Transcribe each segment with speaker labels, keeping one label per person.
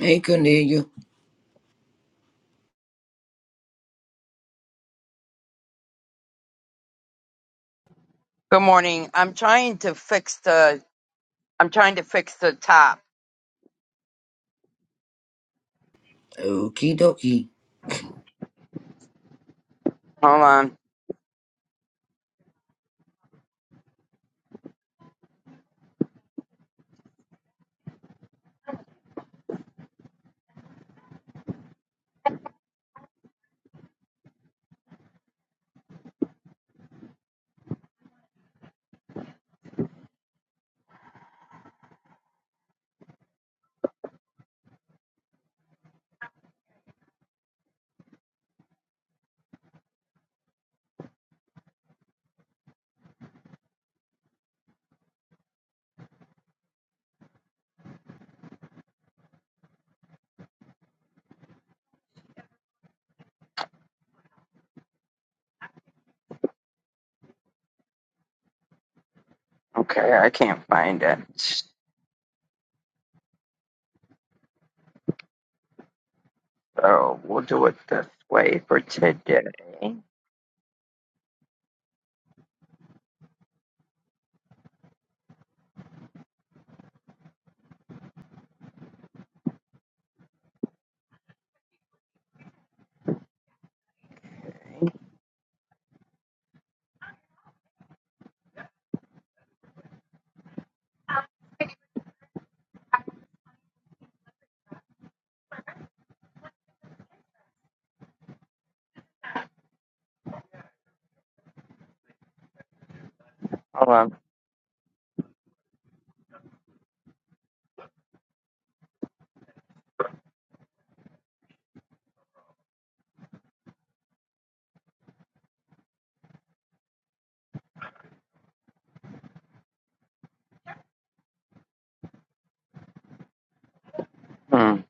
Speaker 1: Hey, Cornelia.
Speaker 2: Good morning. I'm trying to fix the I'm trying to fix the top.
Speaker 1: Okie dokie.
Speaker 2: Hold on. So we'll do it this way for today. Hold on. Hmm.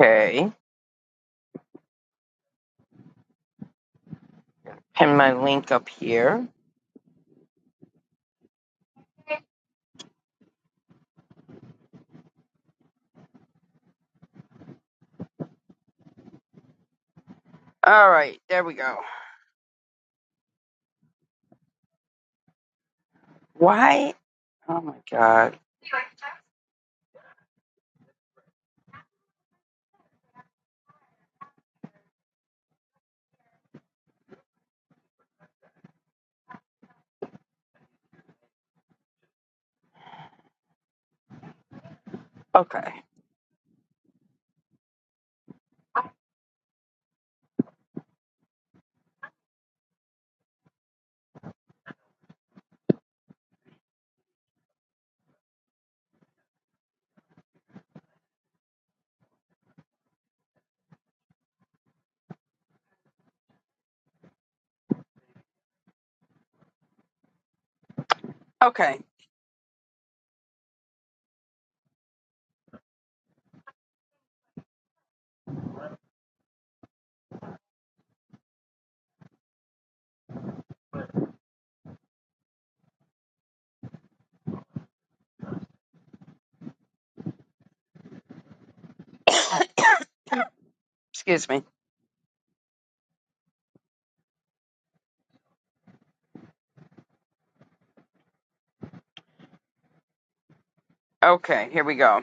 Speaker 2: Okay. Pin my link up here. All right, there we go. Why? Oh my god. Okay. Okay. Excuse me. Okay, here we go.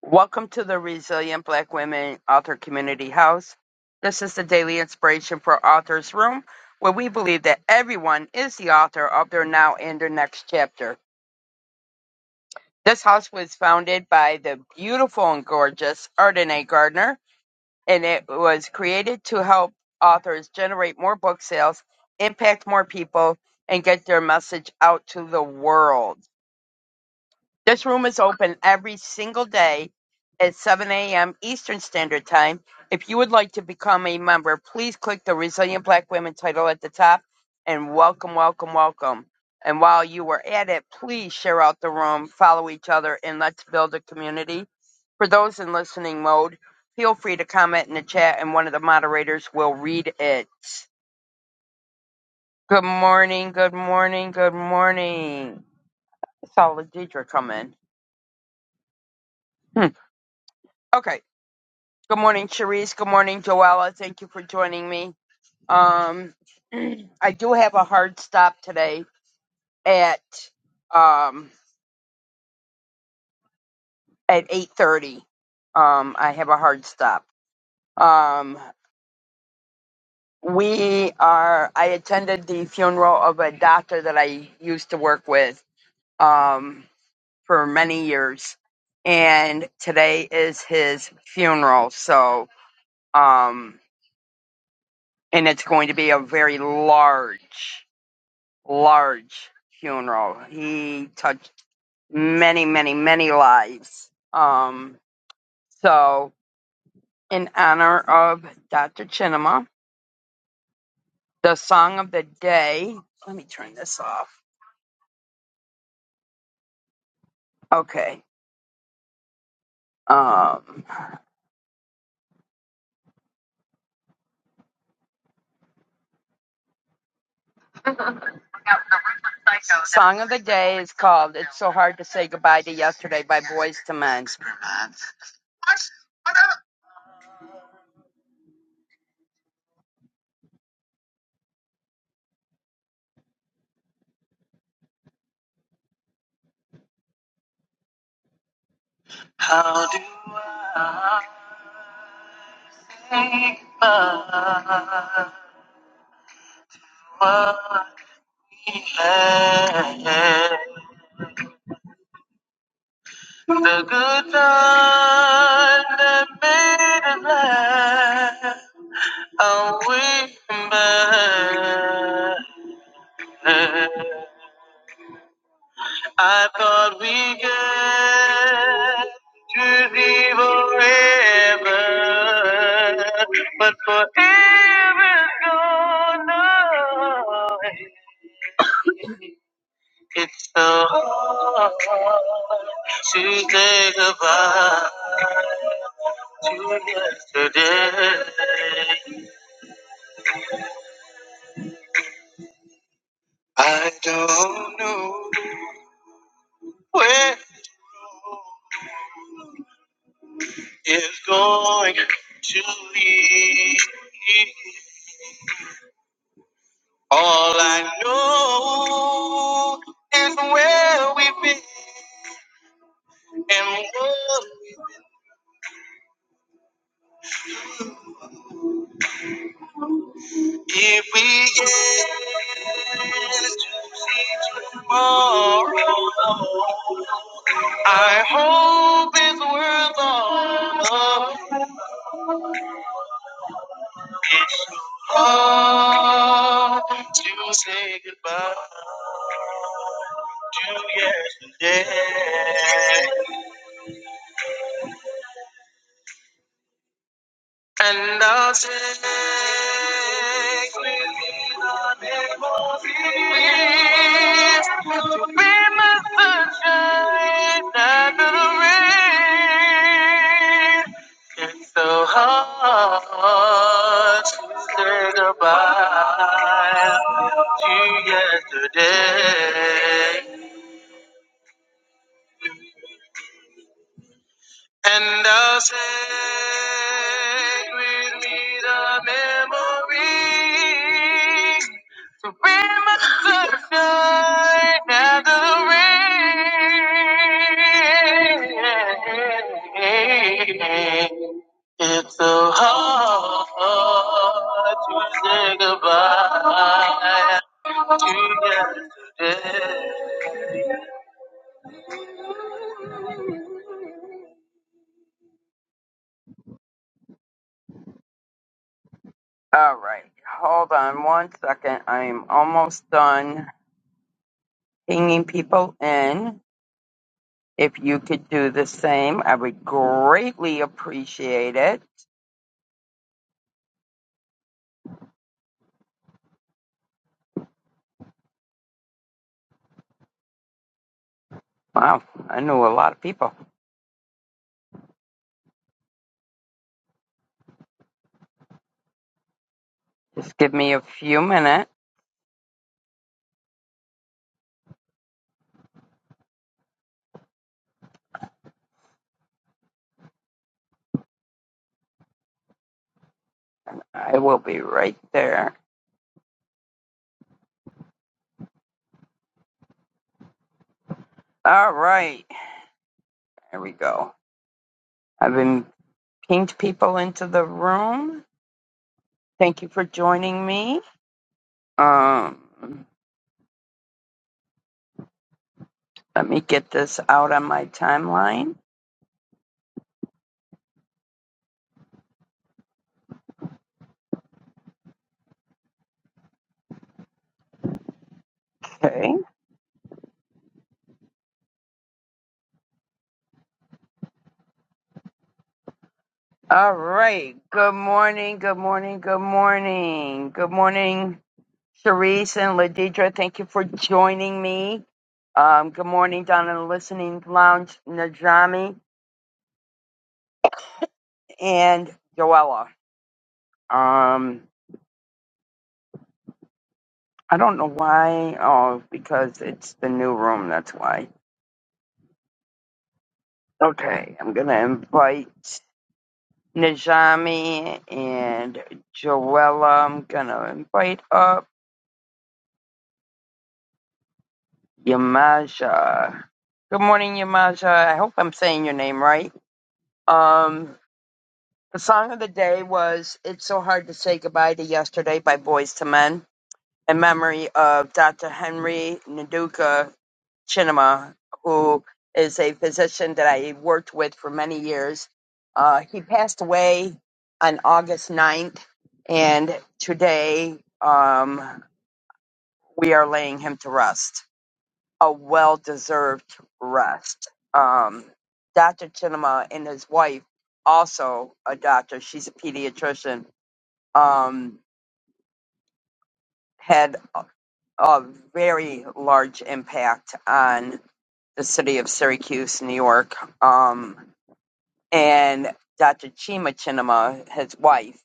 Speaker 2: Welcome to the Resilient Black Women Author Community House. This is the daily inspiration for Authors Room, where we believe that everyone is the author of their now and their next chapter. This house was founded by the beautiful and gorgeous Ardenae Gardner, and it was created to help authors generate more book sales, impact more people, and get their message out to the world. This room is open every single day at 7 a.m. Eastern Standard Time. If you would like to become a member, please click the Resilient Black Women title at the top and welcome, welcome, welcome. And while you are at it, please share out the room, follow each other, and let's build a community. For those in listening mode, feel free to comment in the chat and one of the moderators will read it. Good morning, good morning, good morning. I saw Ladidra come in. Hmm. Okay. Good morning, Cherise. Good morning, Joella. Thank you for joining me. Um, I do have a hard stop today at um, at eight thirty. Um, I have a hard stop. Um, we are. I attended the funeral of a doctor that I used to work with um, for many years, and today is his funeral. So, um, and it's going to be a very large. large funeral. He touched many, many, many lives. Um, so, in honor of Dr. Chinema, the song of the day. Let me turn this off. Okay. Um, song of the day is called "It's So Hard to Say Goodbye to Yesterday" by Boys to Men. How do I say goodbye? The good Lord that made us laugh, how we met. I thought we get to be forever, but forever is gone. away. It's so hard to say goodbye to yesterday. I don't know where it's going to lead. All I know is where we've been and what If we get to see tomorrow, I hope it's worth all. the- love. It's hard to say goodbye to yesterday. And I'll take with me the name of Jesus to be my sunshine under the rain. It's so hard to say goodbye to yesterday. And I'll take with me the memory to bring my sunshine and the rain. It's so hard to say goodbye to yesterday. All right. Hold on one second. I'm almost done pinging people in. If you could do the same, I would greatly appreciate it. Wow, I knew a lot of people. Just give me a few minutes. I will be right there. All right. There we go. I've been pinged people into the room. Thank you for joining me. Um, let me get this out on my timeline. Okay. All right. Good morning. Good morning. Good morning. Good morning, Sharice and Ladidra. Thank you for joining me. Um, good morning down in the listening lounge, Najami and Joella. Um, I don't know why. Oh, because it's the new room. That's why. Okay. I'm going to invite Najami and Joella. I'm going to invite up. Yamaja. Good morning, Yamaja. I hope I'm saying your name right. Um, the song of the day was It's So Hard to Say Goodbye to Yesterday by Boys to Men in memory of Dr. Henry Nduka Chinema, who is a physician that I worked with for many years. Uh, he passed away on August 9th, and today um, we are laying him to rest. a well deserved rest. Um, Dr. Chinema and his wife, also a doctor, she's a pediatrician, um, had a, a very large impact on the city of Syracuse, New York. Um, and Dr. Chima Chinema, his wife,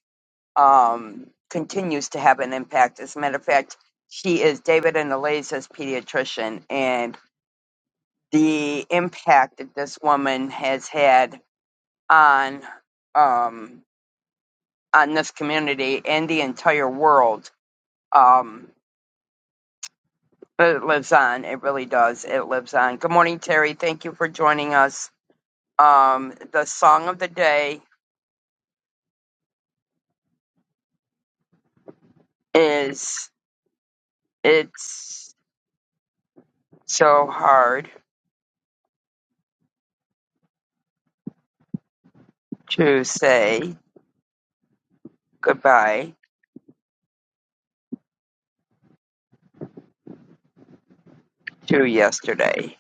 Speaker 2: um, continues to have an impact. As a matter of fact, she is David and Eliza's pediatrician, and the impact that this woman has had on um, on this community and the entire world. Um, but it lives on. It really does. It lives on. Good morning, Terry. Thank you for joining us. Um, the song of the day is "It's So Hard to Say Goodbye to Yesterday"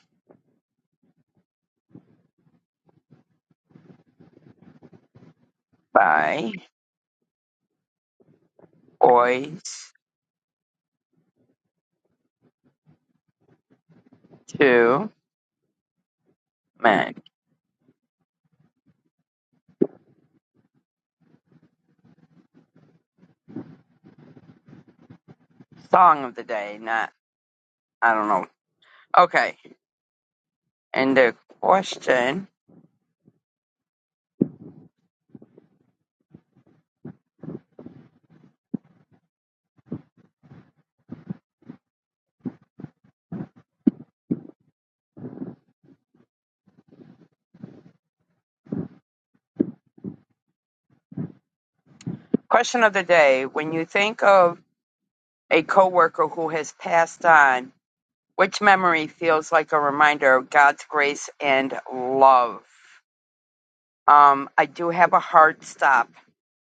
Speaker 2: by Boys to Men. Song of the day, not I don't know. Okay, And the question, question of the day, when you think of a coworker who has passed on, which memory feels like a reminder of God's grace and love? Um, I do have a hard stop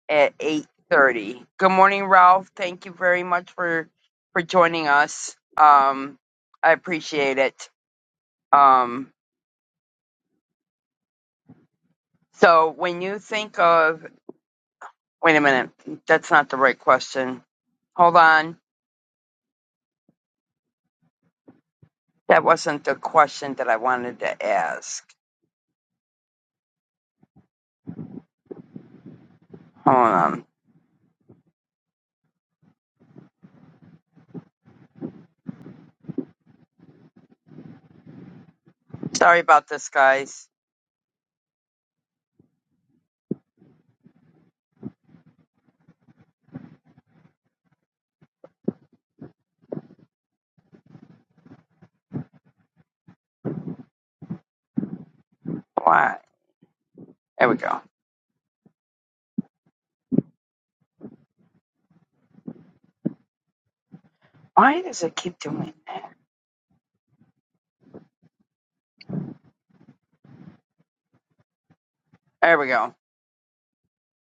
Speaker 2: at 8:30. Good morning, Ralph. Thank you very much for for joining us. Um, I appreciate it. Um, so when you think of, wait a minute, that's not the right question. Hold on. That wasn't the question that I wanted to ask. Hold on. Sorry about this, guys. Why? There we go. Why does it keep doing? There we go.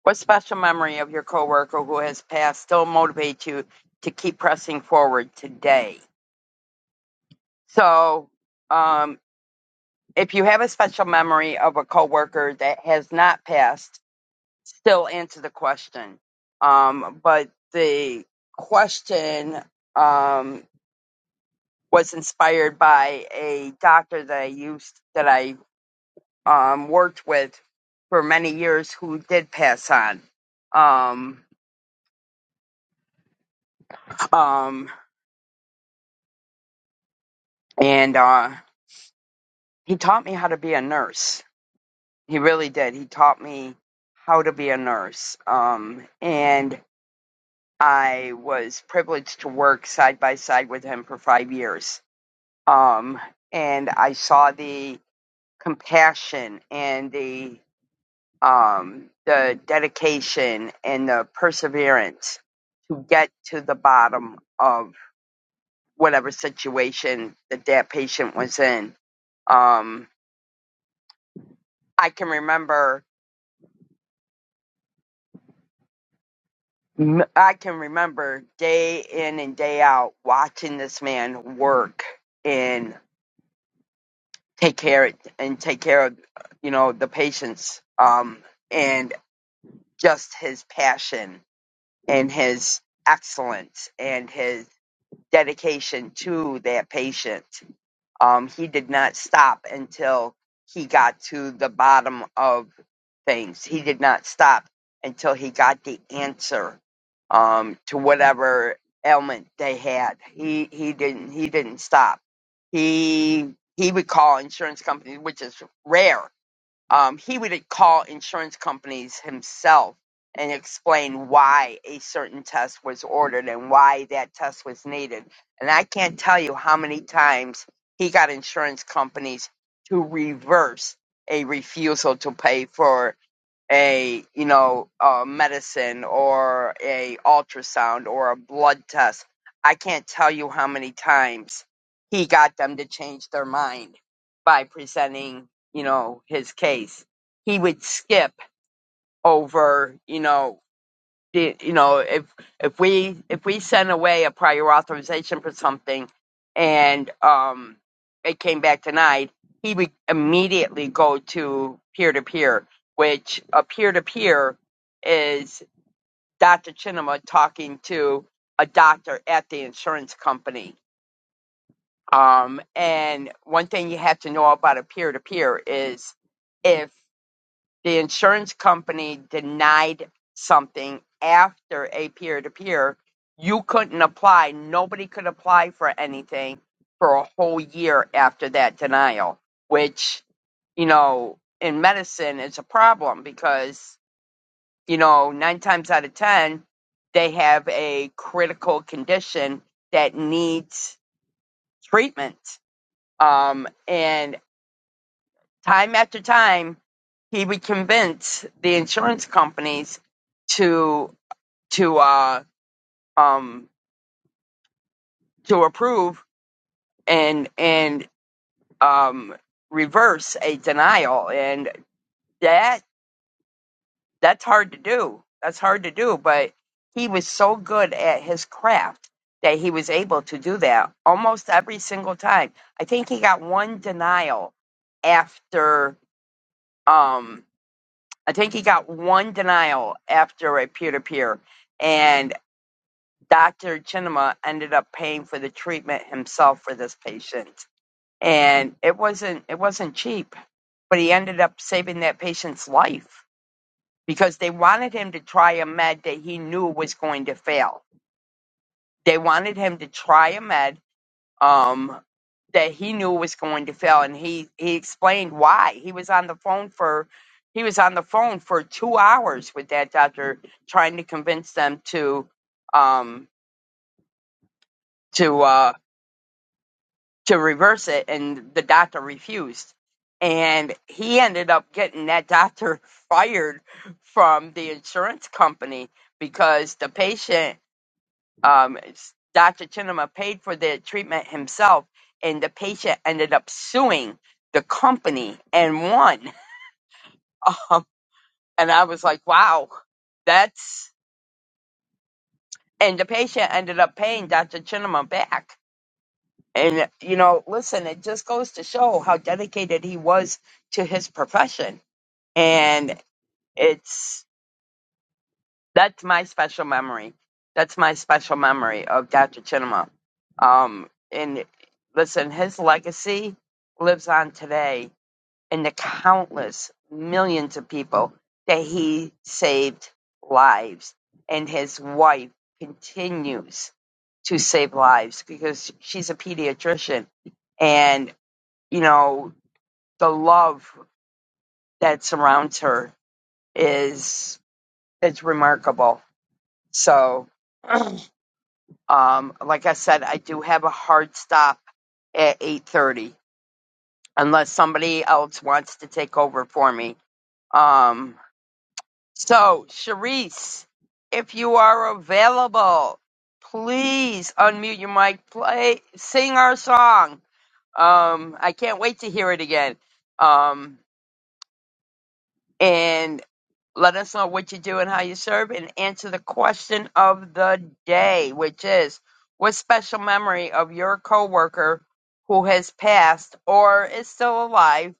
Speaker 2: What special memory of your coworker who has passed still motivates you to keep pressing forward today? So, um, if you have a special memory of a coworker that has not passed, still answer the question. Um, but the question um, was inspired by a doctor that I used that I um, worked with for many years who did pass on. Um, um, and uh, he taught me how to be a nurse. He really did. He taught me how to be a nurse. Um, and I was privileged to work side by side with him for five years. Um, and I saw the compassion and the um, the dedication and the perseverance to get to the bottom of whatever situation that that patient was in. Um, I can remember, I can remember day in and day out watching this man work and take care and take care of, you know, the patients, um, and just his passion and his excellence and his dedication to that patient. Um, he did not stop until he got to the bottom of things. He did not stop until he got the answer um, to whatever ailment they had. He he didn't he didn't stop. He he would call insurance companies, which is rare um, he would call insurance companies himself and explain why a certain test was ordered and why that test was needed. And I can't tell you how many times he got insurance companies to reverse a refusal to pay for a you know a medicine or a ultrasound or a blood test i can't tell you how many times he got them to change their mind by presenting you know his case he would skip over you know the- you know if if we if we sent away a prior authorization for something and um it came back denied he would immediately go to peer to peer which a peer to peer is Dr. Chinema talking to a doctor at the insurance company um and one thing you have to know about a peer to peer is if. The insurance company denied something after a peer to peer. You couldn't apply. Nobody could apply for anything for a whole year after that denial, which, you know, in medicine is a problem because, you know, nine times out of 10, they have a critical condition that needs treatment. Um, and time after time, he would convince the insurance companies to. to uh um to approve and and um reverse a denial and that that's hard to do that's hard to do but he was so good at his craft that he was able to do that almost every single time i think he got one denial after um i think he got one denial after a peer-to-peer and dr chinema ended up paying for the treatment himself for this patient and it wasn't it wasn't cheap but he ended up saving that patient's life because they wanted him to try a med that he knew was going to fail they wanted him to try a med um that he knew was going to fail and he he explained why he was on the phone for he was on the phone for two hours with that doctor trying to convince them to um to uh to reverse it, and the doctor refused. And he ended up getting that doctor fired from the insurance company because the patient, um, Dr. Chinema, paid for the treatment himself, and the patient ended up suing the company and won. Um, and I was like, wow, that's. And the patient ended up paying Dr. Chinema back And, you know, listen, it just goes to show how dedicated he was to his profession. And it's that's my special memory. That's my special memory of Dr. Chinema. Um, and listen, his legacy lives on today in the countless millions of people that he saved lives. And his wife continues to save lives because she's a pediatrician And you know, the love that surrounds her is it's remarkable. So, um, like I said, I do have a hard stop at eight thirty, unless somebody else wants to take over for me. Um, so, Charisse, if you are available, please unmute your mic, play, sing our song. Um, I can't wait to hear it again. Um, and Let us know what you do and how you serve and answer the question of the day, which is what special memory of your coworker who has passed or is still alive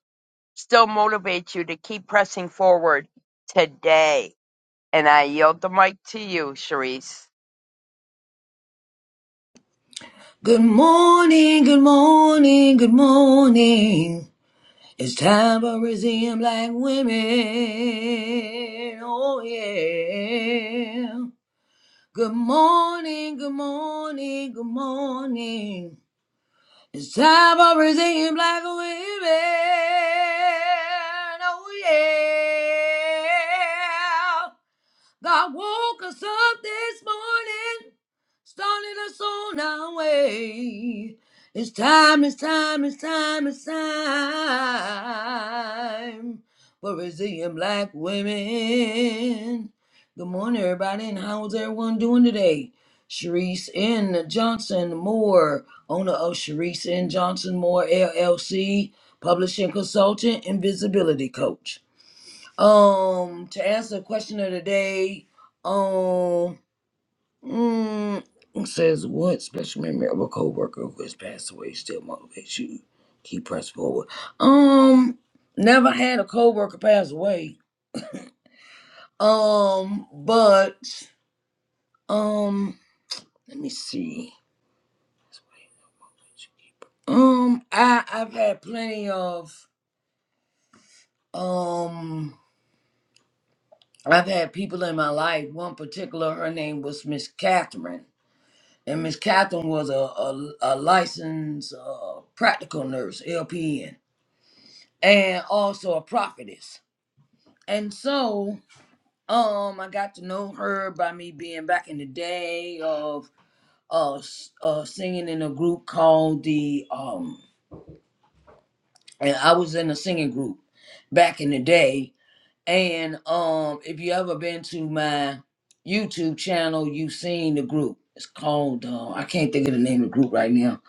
Speaker 2: still motivates you to keep pressing forward today? And I yield the mic to you, Sharice.
Speaker 1: Good morning, good morning, good morning. It's time for Brazilian black women. Oh, yeah. Good morning, good morning, good morning. It's time for Brazilian black women. Oh, yeah. God woke us up this morning, started us on our way. It's time, it's time, it's time, it's time for resilient black women. Good morning, everybody, and how's everyone doing today? Sharice N. Johnson Moore, owner of Sharice N. Johnson Moore LLC, publishing consultant and visibility coach. Um, to answer the question of the day, um, mm, it says what special memory of a coworker who has passed away still motivates you? Keep pressing forward. Um, never had a coworker pass away. Um, but um, let me see. Um, I I've had plenty of um. I've had people in my life. One particular, her name was Miss Catherine And Miss Catherine was a, a, a licensed uh, practical nurse, LPN, and also a prophetess. And so, um, I got to know her by me being back in the day of uh, s- uh singing in a group called the um, and I was in a singing group back in the day And um, if you ever been to my YouTube channel, you've seen the group. It's called uh, I can't think of the name of the group right now,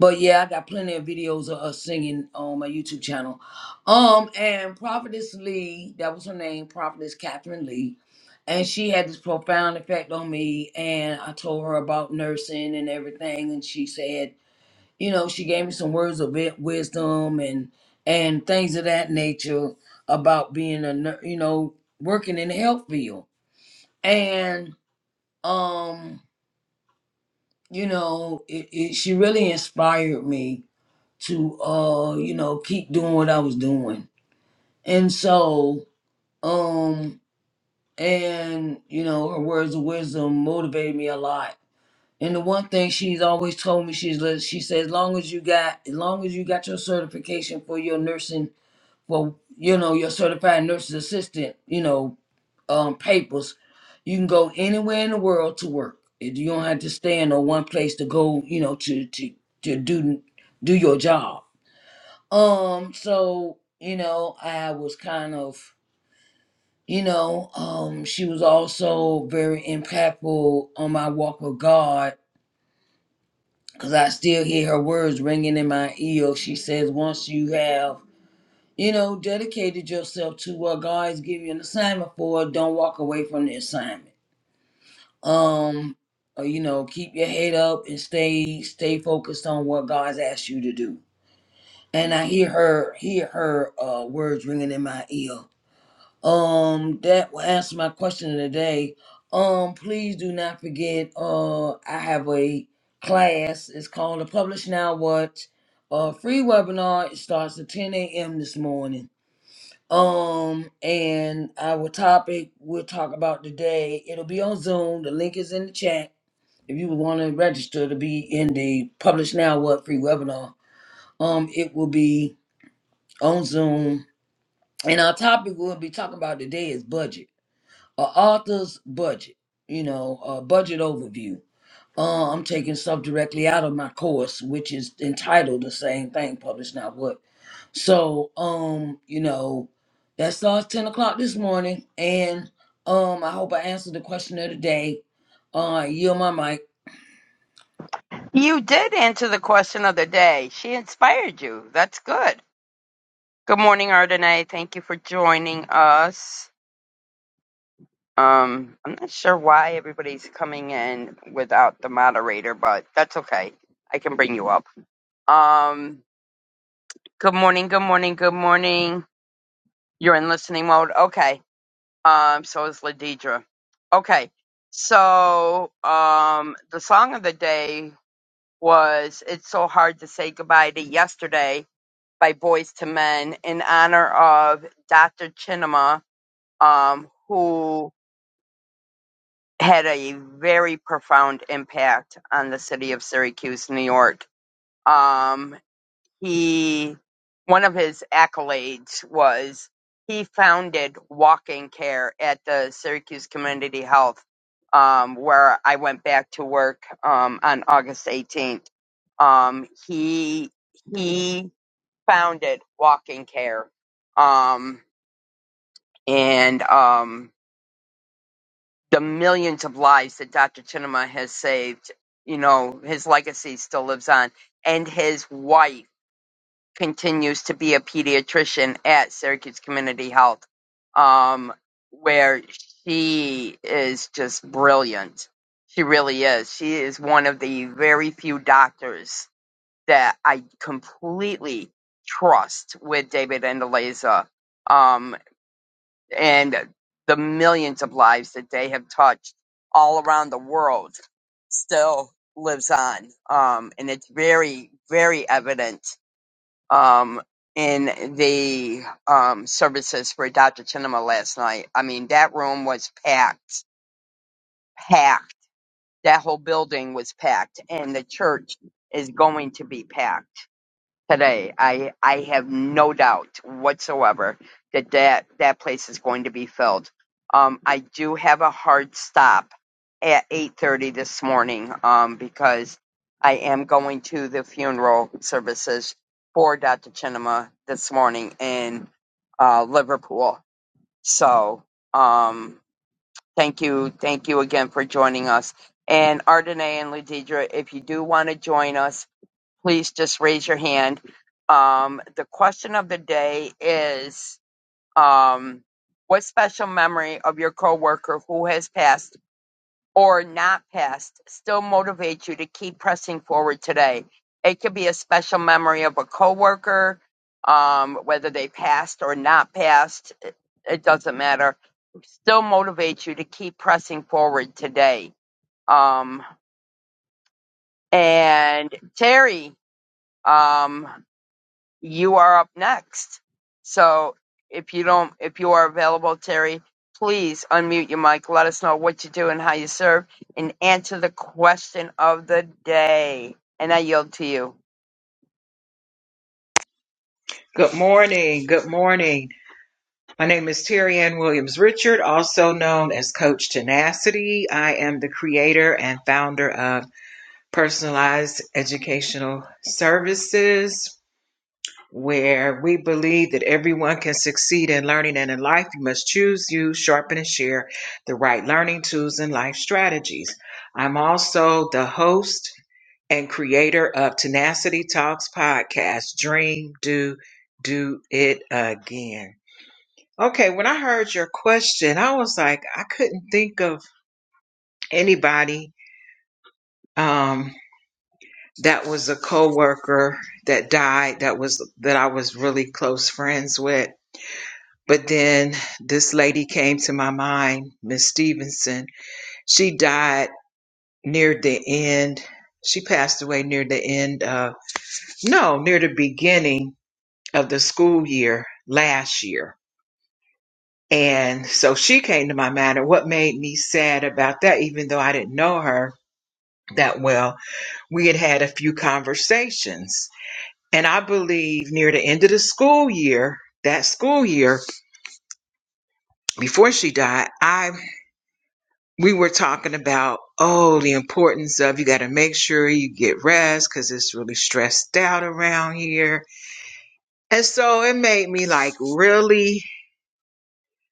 Speaker 1: but yeah, I got plenty of videos of us singing on my YouTube channel. Um, and Prophetess Lee, that was her name, Prophetess Catherine Lee, and she had this profound effect on me. And I told her about nursing and everything, and she said you know, she gave me some words of wi- wisdom and and things of that nature about being a nur- you know working in the health field. And um, you know, it, it, she really inspired me to uh, you know, keep doing what I was doing. And so um, and you know, her words of wisdom motivated me a lot. And the one thing she's always told me, she's li- she says, as long as you got, as long as you got your certification for your nursing well, you know, your certified nurse's assistant, you know, um, papers, you can go anywhere in the world to work. It- You don't have to stay in no one place to go, you know, to to to do do your job. Um, so you know, I was kind of, you know, um, she was also very impactful on my walk with God because I still hear her words ringing in my ear. She says, once you have you know, dedicated yourself to what God's giving you an assignment for. Don't walk away from the assignment. Um, uh, you know, keep your head up and stay stay focused on what God's asked you to do. And I hear her hear her uh, words ringing in my ear. Um, that will answer my question of the day. Um, please do not forget. Uh, I have a class. It's called the Publish Now What. Uh, free webinar. It starts at 10 a.m. this morning um, and our topic we'll talk about today, it'll be on Zoom. The link is in the chat. If you want to register to be in the Publish Now What free webinar, um, it will be on Zoom. And our topic we'll be talking about today is budget. A author's budget, you know, a budget overview. Uh, I'm taking stuff directly out of my course, which is entitled the same thing, Publish Now What so, um, you know, that starts 10 o'clock this morning. And um, I hope I answered the question of the day. Uh, yield my mic.
Speaker 2: You did answer the question of the day. She inspired you. That's good. Good morning, Ardenae. Thank you for joining us. Um, I'm not sure why everybody's coming in without the moderator, but that's okay. I can bring you up. Um, good morning, good morning, good morning. You're in listening mode. Okay. Um, so is Ladidra. Okay. So, um, the song of the day was It's So Hard to Say Goodbye to Yesterday by Boys to Men in honor of Dr. Chinema, um, who had a very profound impact on the city of Syracuse, New York. Um, he, one of his accolades was he founded walking care at the Syracuse Community Health, um, where I went back to work um, on August 18th. Um, he he founded walking care, um, and um, the millions of lives that Dr. Chinema has saved, you know, his legacy still lives on. And his wife continues to be a pediatrician at Syracuse Community Health, um, where she is just brilliant. She really is. She is one of the very few doctors that I completely trust with David and Eliza and the millions of lives that they have touched all around the world still lives on. Um, and it's very, very evident um, in the um, services for Dr. Chinema last night. I mean, that room was packed, packed. That whole building was packed, and the church is going to be packed today. I I have no doubt whatsoever that that, that place is going to be filled. Um, I do have a hard stop at 8:30 this morning um, because I am going to the funeral services for Dr. Chinema this morning in uh, Liverpool. So um, thank you, thank you again for joining us. And Ardenae and Ladidra, if you do want to join us, please just raise your hand. Um, the question of the day is um, What special memory of your coworker who has passed or not passed still motivates you to keep pressing forward today? It could be a special memory of a coworker, um, whether they passed or not passed, it doesn't matter. Still motivates you to keep pressing forward today. Um, and Terry, um, you are up next. So if you don't, if you are available, Terry, please unmute your mic. Let us know what you do and how you serve, and answer the question of the day. And I yield to you.
Speaker 3: Good morning. Good morning. My name is Terry Ann Williams Richard, also known as Coach Tenacity. I am the creator and founder of Personalized Educational Services, where we believe that everyone can succeed in learning and in life. You must choose, use, sharpen, and share the right learning tools and life strategies. I'm also the host and creator of Tenacity Talks podcast, Dream, Do, Do It Again. Okay, when I heard your question, I was like, I couldn't think of anybody um, that was a coworker that died that was that I was really close friends with. But then this lady came to my mind, Miss Stevenson. She died near the end. She passed away near the end of no, near the beginning of the school year last year And so she came to my mind. And what made me sad about that, even though I didn't know her that well, we had had a few conversations. And I believe near the end of the school year, that school year before she died, I we were talking about oh the importance of you got to make sure you get rest because it's really stressed out around here. And so it made me like really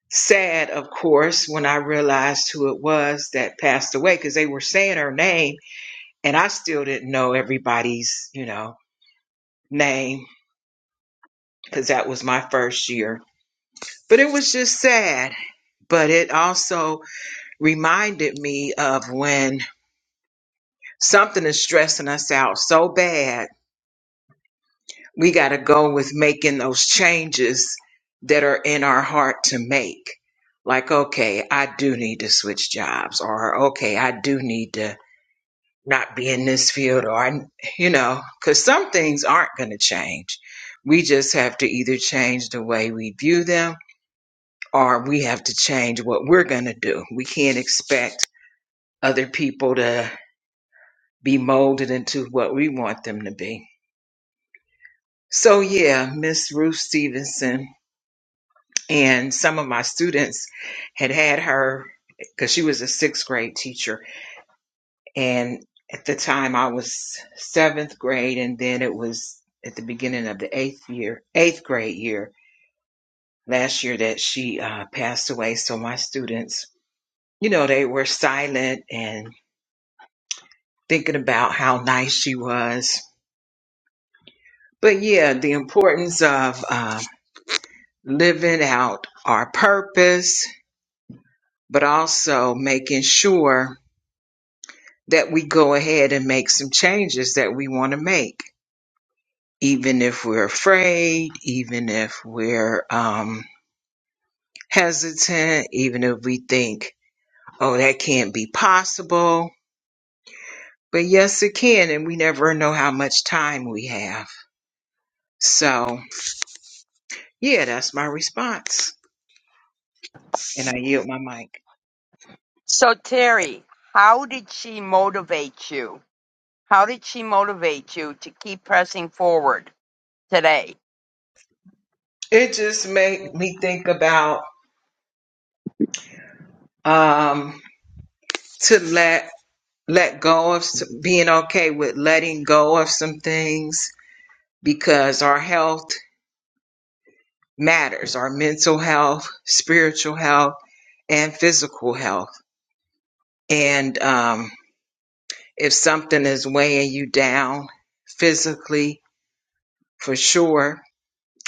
Speaker 3: sad, of course, when I realized who it was that passed away because they were saying her name and I still didn't know everybody's, you know, name because that was my first year. But it was just sad. But it also reminded me of when something is stressing us out so bad, we got to go with making those changes that are in our heart to make. Like, okay, I do need to switch jobs, or okay, I do need to not be in this field or I- you know because some things aren't going to change we just have to either change the way we view them or we have to change what we're going to do we can't expect other people to be molded into what we want them to be so yeah miss ruth stevenson and some of my students had had her because she was a sixth grade teacher And at the time I was seventh grade and then it was at the beginning of the eighth year, eighth grade year last year that she uh, passed away. So my students, you know, they were silent and thinking about how nice she was. But yeah, the importance of uh, living out our purpose, but also making sure that we go ahead and make some changes that we want to make even if we're afraid, even if we're um, hesitant, even if we think, oh, that can't be possible. But yes, it can, and we never know how much time we have. So, yeah, that's my response. And I yield my mic.
Speaker 2: So Terry, how did she motivate you? How did she motivate you to keep pressing forward today?
Speaker 3: It just made me think about um, to let let go of s- being okay with letting go of some things because our health matters our mental health, spiritual health, and physical health. And um, if something is weighing you down physically, for sure,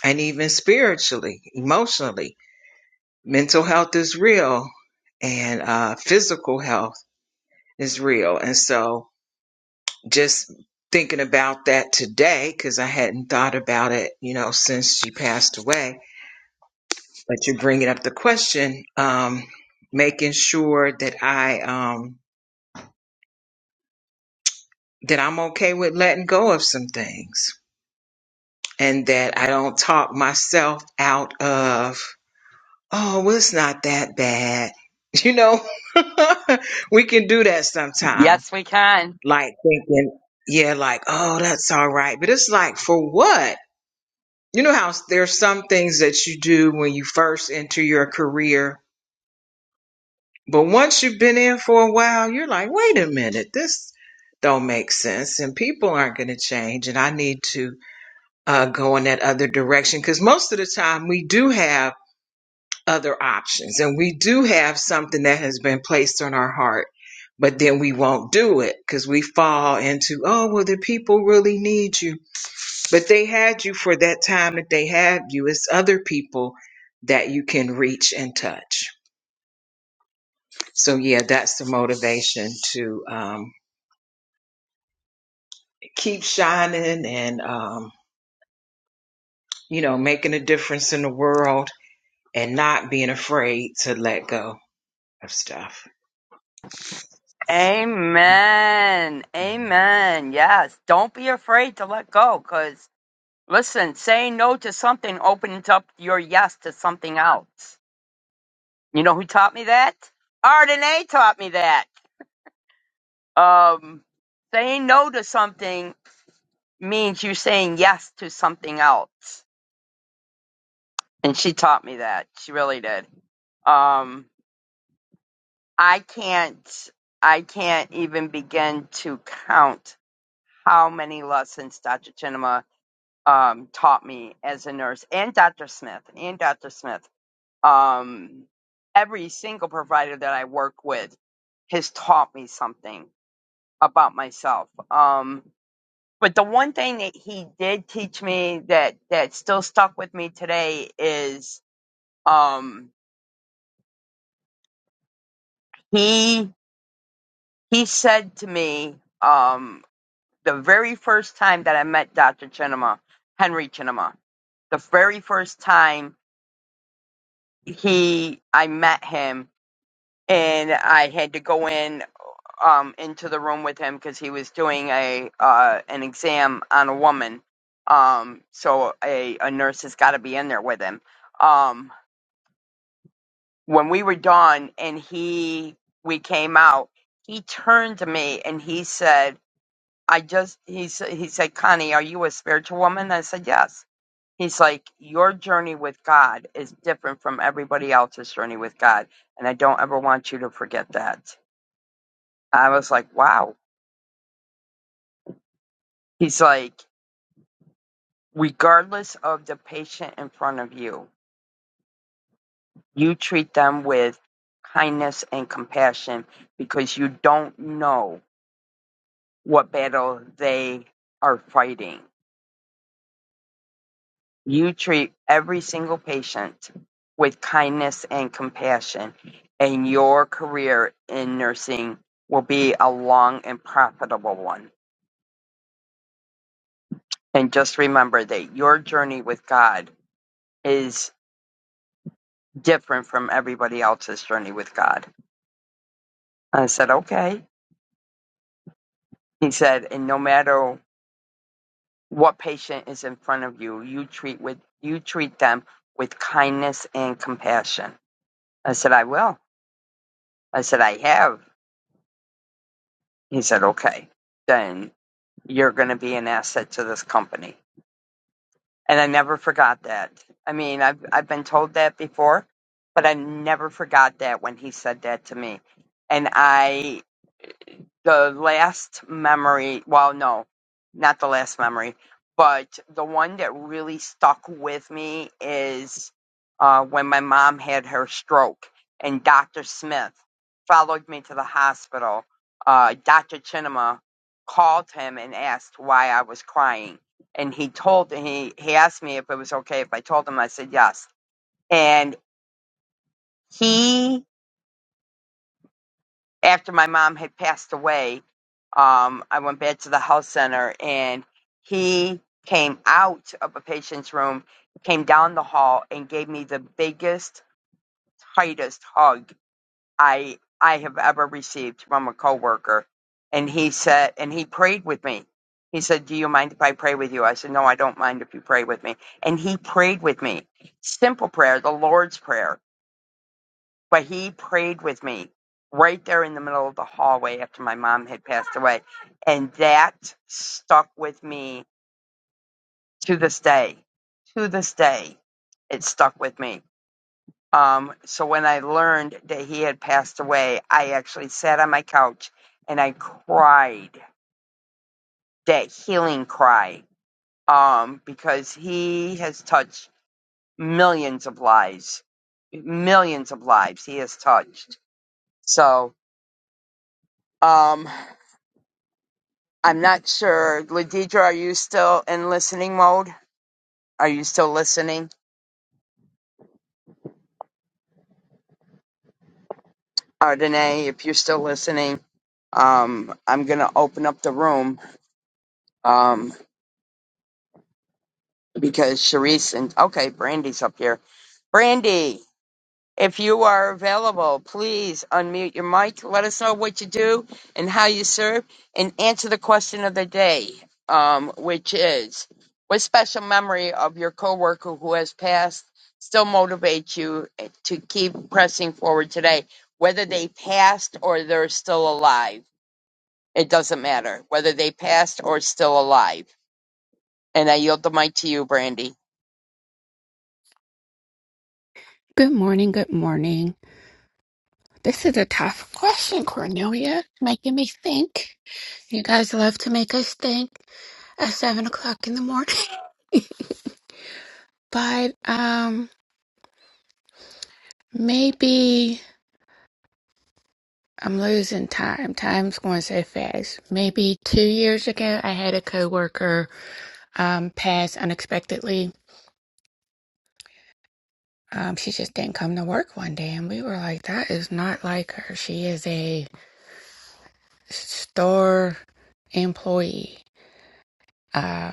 Speaker 3: and even spiritually, emotionally, mental health is real and uh, physical health is real. And so just thinking about that today, because I hadn't thought about it, you know, since she passed away but you're bringing up the question, um, making sure that I um, that I'm okay with letting go of some things, and that I don't talk myself out of, oh, well, it's not that bad. You know, we can do that sometime.
Speaker 2: Yes, we can.
Speaker 3: Like thinking, yeah, like, oh, that's all right. But it's like, for what? You know how s- there's some things that you do when you first enter your career But once you've been in for a while, you're like, wait a minute, this don't make sense, and people aren't going to change, and I need to uh, go in that other direction because most of the time we do have other options, and we do have something that has been placed on our heart, but then we won't do it because we fall into, oh, well, the people really need you, but they had you for that time that they had you. It's other people that you can reach and touch. So yeah, that's the motivation to um, keep shining and um, you know making a difference in the world and not being afraid to let go of stuff.
Speaker 2: Amen. Amen. Yes. Don't be afraid to let go because Listen, saying no to something opens up your yes to something else. You know who taught me that? Ardenae taught me that. Um, saying no to something means you saying yes to something else. And she taught me that. She really did. Um, I can't, I can't even begin to count how many lessons Dr. Chinema um, taught me as a nurse and Dr. Smith and Dr. Smith. um, every single provider that I work with has taught me something about myself. Um, but the one thing that he did teach me that that still stuck with me today is um, he he said to me um, the very first time that I met Dr. Chinema, Henry Chinema, the very first time he I met him and I had to go in um into the room with him because he was doing a uh an exam on a woman. Um, so a a nurse has got to be in there with him. Um, when we were done and he we came out, he turned to me and he said, "I just he s- he said, Connie, are you a spiritual woman?" I said, "Yes." He's like, "Your journey with God is different from everybody else's journey with God, and I don't ever want you to forget that." I was like, "Wow." He's like. Regardless of the patient in front of you, you treat them with kindness and compassion because you don't know what battle they are fighting. You treat every single patient with kindness and compassion, and your career in nursing will be a long and profitable one. And just remember that your journey with God is different from everybody else's journey with God. I said, okay. He said, and no matter what patient is in front of you, you treat with you treat them with kindness and compassion. I said, I will. I said, I have. He said, Okay, then you're gonna be an asset to this company. And I never forgot that. I mean, I've I've been told that before, but I never forgot that when he said that to me. And I the last memory well no not the last memory but the one that really stuck with me is uh, when my mom had her stroke and dr smith followed me to the hospital uh, dr chinema called him and asked why i was crying and he told he, he asked me if it was okay if i told him i said yes and he after my mom had passed away um, I went back to the health center and he came out of a patient's room, came down the hall and gave me the biggest, tightest hug I I have ever received from a coworker. And he said and he prayed with me. He said, Do you mind if I pray with you? I said, No, I don't mind if you pray with me. And he prayed with me. Simple prayer, the Lord's Prayer. But he prayed with me right there in the middle of the hallway after my mom had passed away. And that stuck with me to this day. To this day, it stuck with me. Um, so when I learned that he had passed away, I actually sat on my couch and I cried that healing cry um, because he has touched millions of lives, millions of lives he has touched. So, um, I'm not sure. Ladidra, are you still in listening mode? Are you still listening? Ardenay, if you're still listening, um, I'm gonna open up the room um, because Sharice and okay, Brandy's up here. Brandy, If you are available, please unmute your mic. Let us know what you do and how you serve, and answer the question of the day, um, which is, what special memory of your coworker who has passed still motivates you to keep pressing forward today? Whether they passed or they're still alive, it doesn't matter. Whether they passed or still alive. And I yield the mic to you, Brandy.
Speaker 4: Good morning, good morning. This is a tough question, Cornelia. Making me think. You guys love to make us think at seven o'clock in the morning. But um maybe I'm losing time. Time's going so fast. Maybe two years ago I had a coworker um pass unexpectedly. Um, she just didn't come to work one day and we were like, That is not like her. She is a store employee. Uh,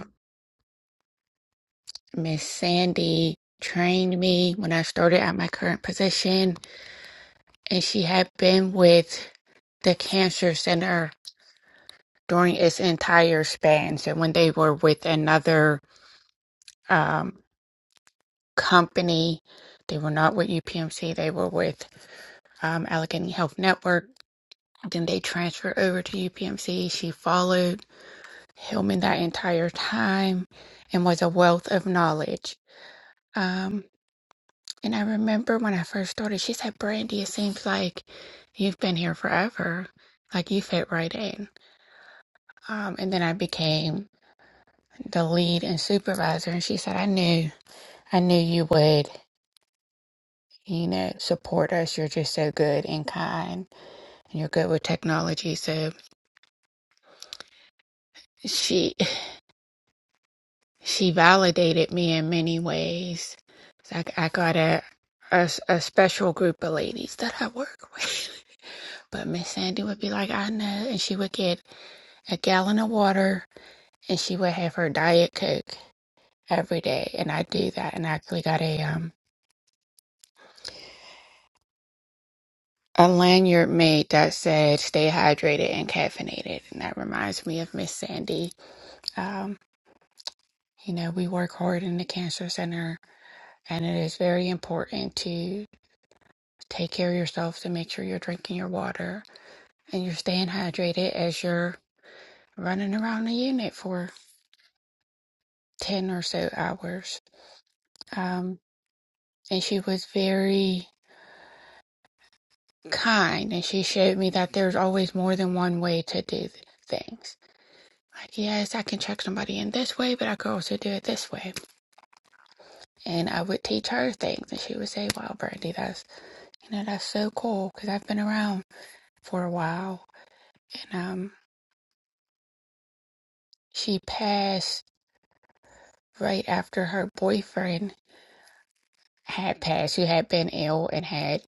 Speaker 4: Miss Sandy trained me when I started at my current position, and she had been with the cancer center during its entire span. So when they were with another um, company, they were not with UPMC, they were with um, Allegheny Health Network. Then they transferred over to UPMC. She followed Hillman that entire time and was a wealth of knowledge. Um, And I remember when I first started, she said, Brandy, it seems like you've been here forever. Like you fit right in. Um, and then I became the lead and supervisor. And she said, I knew, I knew you would, you know, support us. You're just so good and kind and you're good with technology. So she, she validated me in many ways. So I, I got a, a s- a special group of ladies that I work with. But Miss Sandy would be like, I know. And she would get a gallon of water, and she would have her diet coke every day. And I do that, and I actually got a um a lanyard made that said "Stay hydrated and caffeinated," and that reminds me of Miss Sandy. Um, you know, we work hard in the cancer center, and it is very important to take care of yourself to make sure you're drinking your water and you're staying hydrated as you're running around the unit for ten or so hours. Um, and she was very kind and she showed me that there's always more than one way to do things. Like, yes, I can check somebody in this way, but I could also do it this way. And I would teach her things and she would say, wow, Brandy, that's, you know, that's so cool because I've been around for a while. And, um, she passed right after her boyfriend had passed, who had been ill and had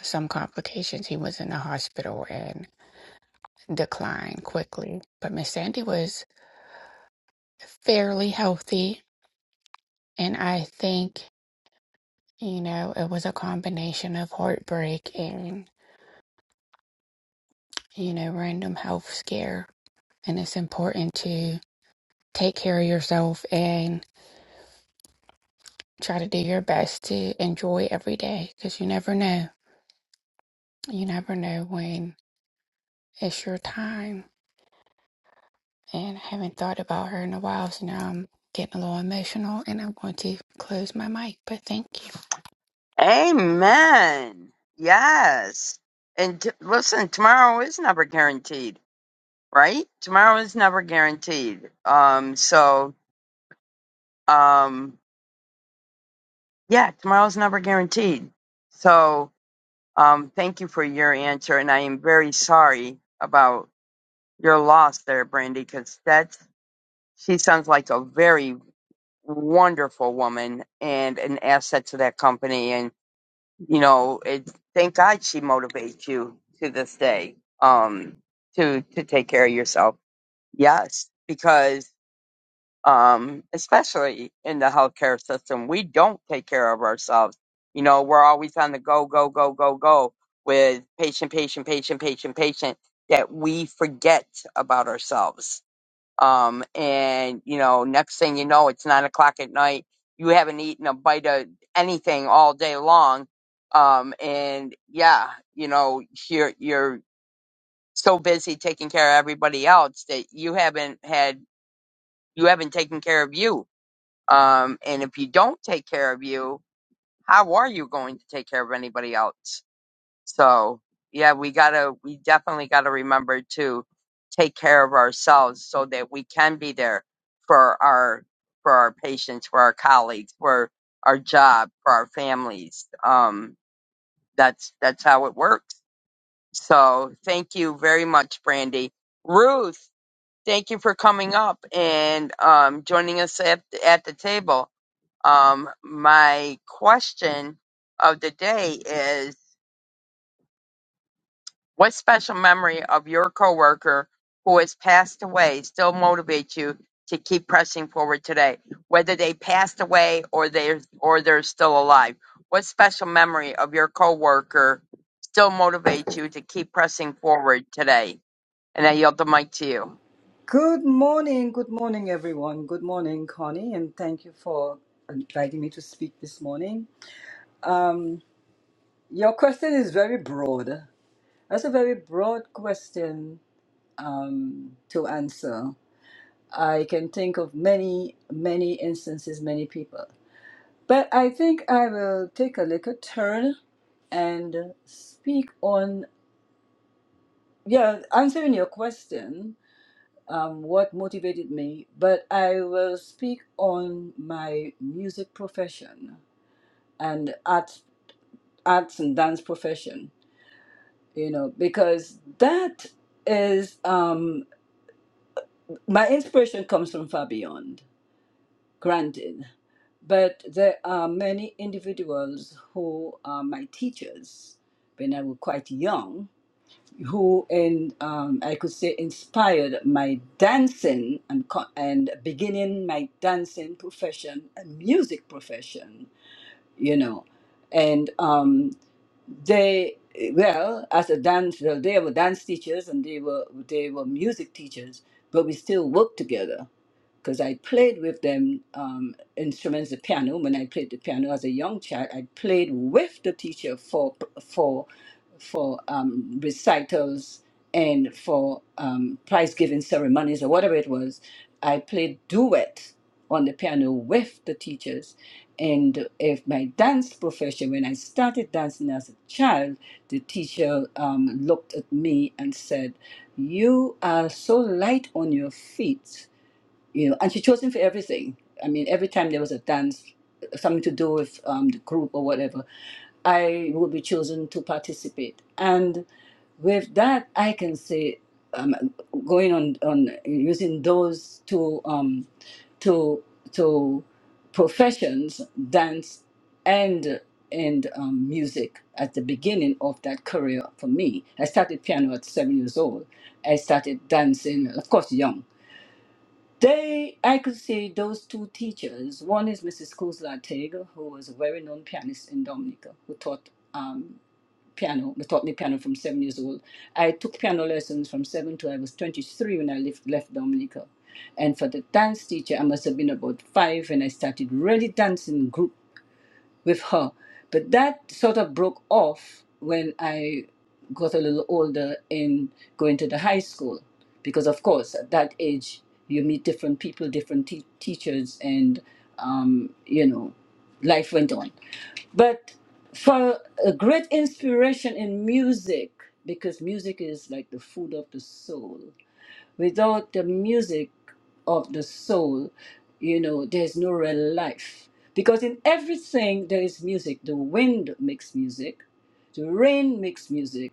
Speaker 4: some complications. He was in the hospital and declined quickly. But Miss Sandy was fairly healthy And I think, you know, it was a combination of heartbreak and, you know, random health scare. And it's important to take care of yourself and try to do your best to enjoy every day because you never know. You never know when it's your time. And I haven't thought about her in a while, so now I'm getting a little emotional and I'm going to close my mic. But thank you.
Speaker 2: Amen. Yes. And t- listen, tomorrow is never guaranteed, right? Tomorrow is never guaranteed. Um, so, um, yeah, tomorrow's never guaranteed. So, um, thank you for your answer. And I am very sorry about your loss there, Brandy, because that's, she sounds like a very wonderful woman and an asset to that company. and. you know, it, thank God she motivates you to this day um, to to take care of yourself. Yes, because um, especially in the healthcare system, we don't take care of ourselves. You know, we're always on the go, go, go, go, go with patient, patient, patient, patient, patient. That we forget about ourselves um, and you know, next thing you know, it's nine o'clock at night. You haven't eaten a bite of anything all day long. Um, and yeah, you know, you're you're so busy taking care of everybody else that you haven't had you haven't taken care of you. Um, and if you don't take care of you, how are you going to take care of anybody else? So yeah, we gotta, we definitely gotta remember to take care of ourselves so that we can be there for our, for our patients, for our colleagues, for our job, for our families. Um, that's, that's how it works. So thank you very much, Brandy. Ruth, thank you for coming up and, um, joining us at, at the table. Um, my question of the day What special memory of your coworker who has passed away still motivates you to keep pressing forward today, whether they passed away or they're or they're still alive? What special memory of your coworker still motivates you to keep pressing forward today? And I yield the mic to you.
Speaker 5: Good morning, good morning, everyone. Good morning, Connie, and thank you for inviting me to speak this morning. Um, your question is very broad. That's a very broad question um, to answer. I can think of many, many instances, many people. But I think I will take a little turn and speak on, yeah, answering your question um, what motivated me, but I will speak on my music profession and arts, arts and dance profession, you know, because that is um, my inspiration comes from far beyond, granted. But there are many individuals who are my teachers when I was quite young who and um, I could say inspired my dancing and co- and beginning my dancing profession and music profession, you know, and um, they well as a dance well, they were dance teachers and they were they were music teachers, but we still worked together because I played with them um, instruments, the piano. When I played the piano as a young child, I played with the teacher for for for um, recitals and for um, prize giving ceremonies or whatever it was. I played duet on the piano with the teachers. And if my dance profession, when I started dancing as a child, the teacher um, looked at me and said, "You are so light on your feet." you know, and she chose him for everything. I mean, every time there was a dance, something to do with um, the group or whatever, I would be chosen to participate. And with that, I can say, um, going on on using those two um, two two professions, dance and and um, music at the beginning of that career for me. I started piano at seven years old. I started dancing, of course, young they, I could say those two teachers. One is Mrs. Kuzla Tega, who was a very known pianist in Dominica, who taught um, piano, who taught me piano from seven years old. I took piano lessons from seven to I was 23 when I left, left Dominica. And for the dance teacher, I must have been about five when I started really dancing group with her. But that sort of broke off when I got a little older in going to the high school. Because, of course, at that age, you meet different people, different te- teachers, and, um, you know, life went on. But for a great inspiration in music, because music is like the food of the soul, Without the music of the soul, you know, there's no real life. Because in everything there is music. The wind makes music, the rain makes music,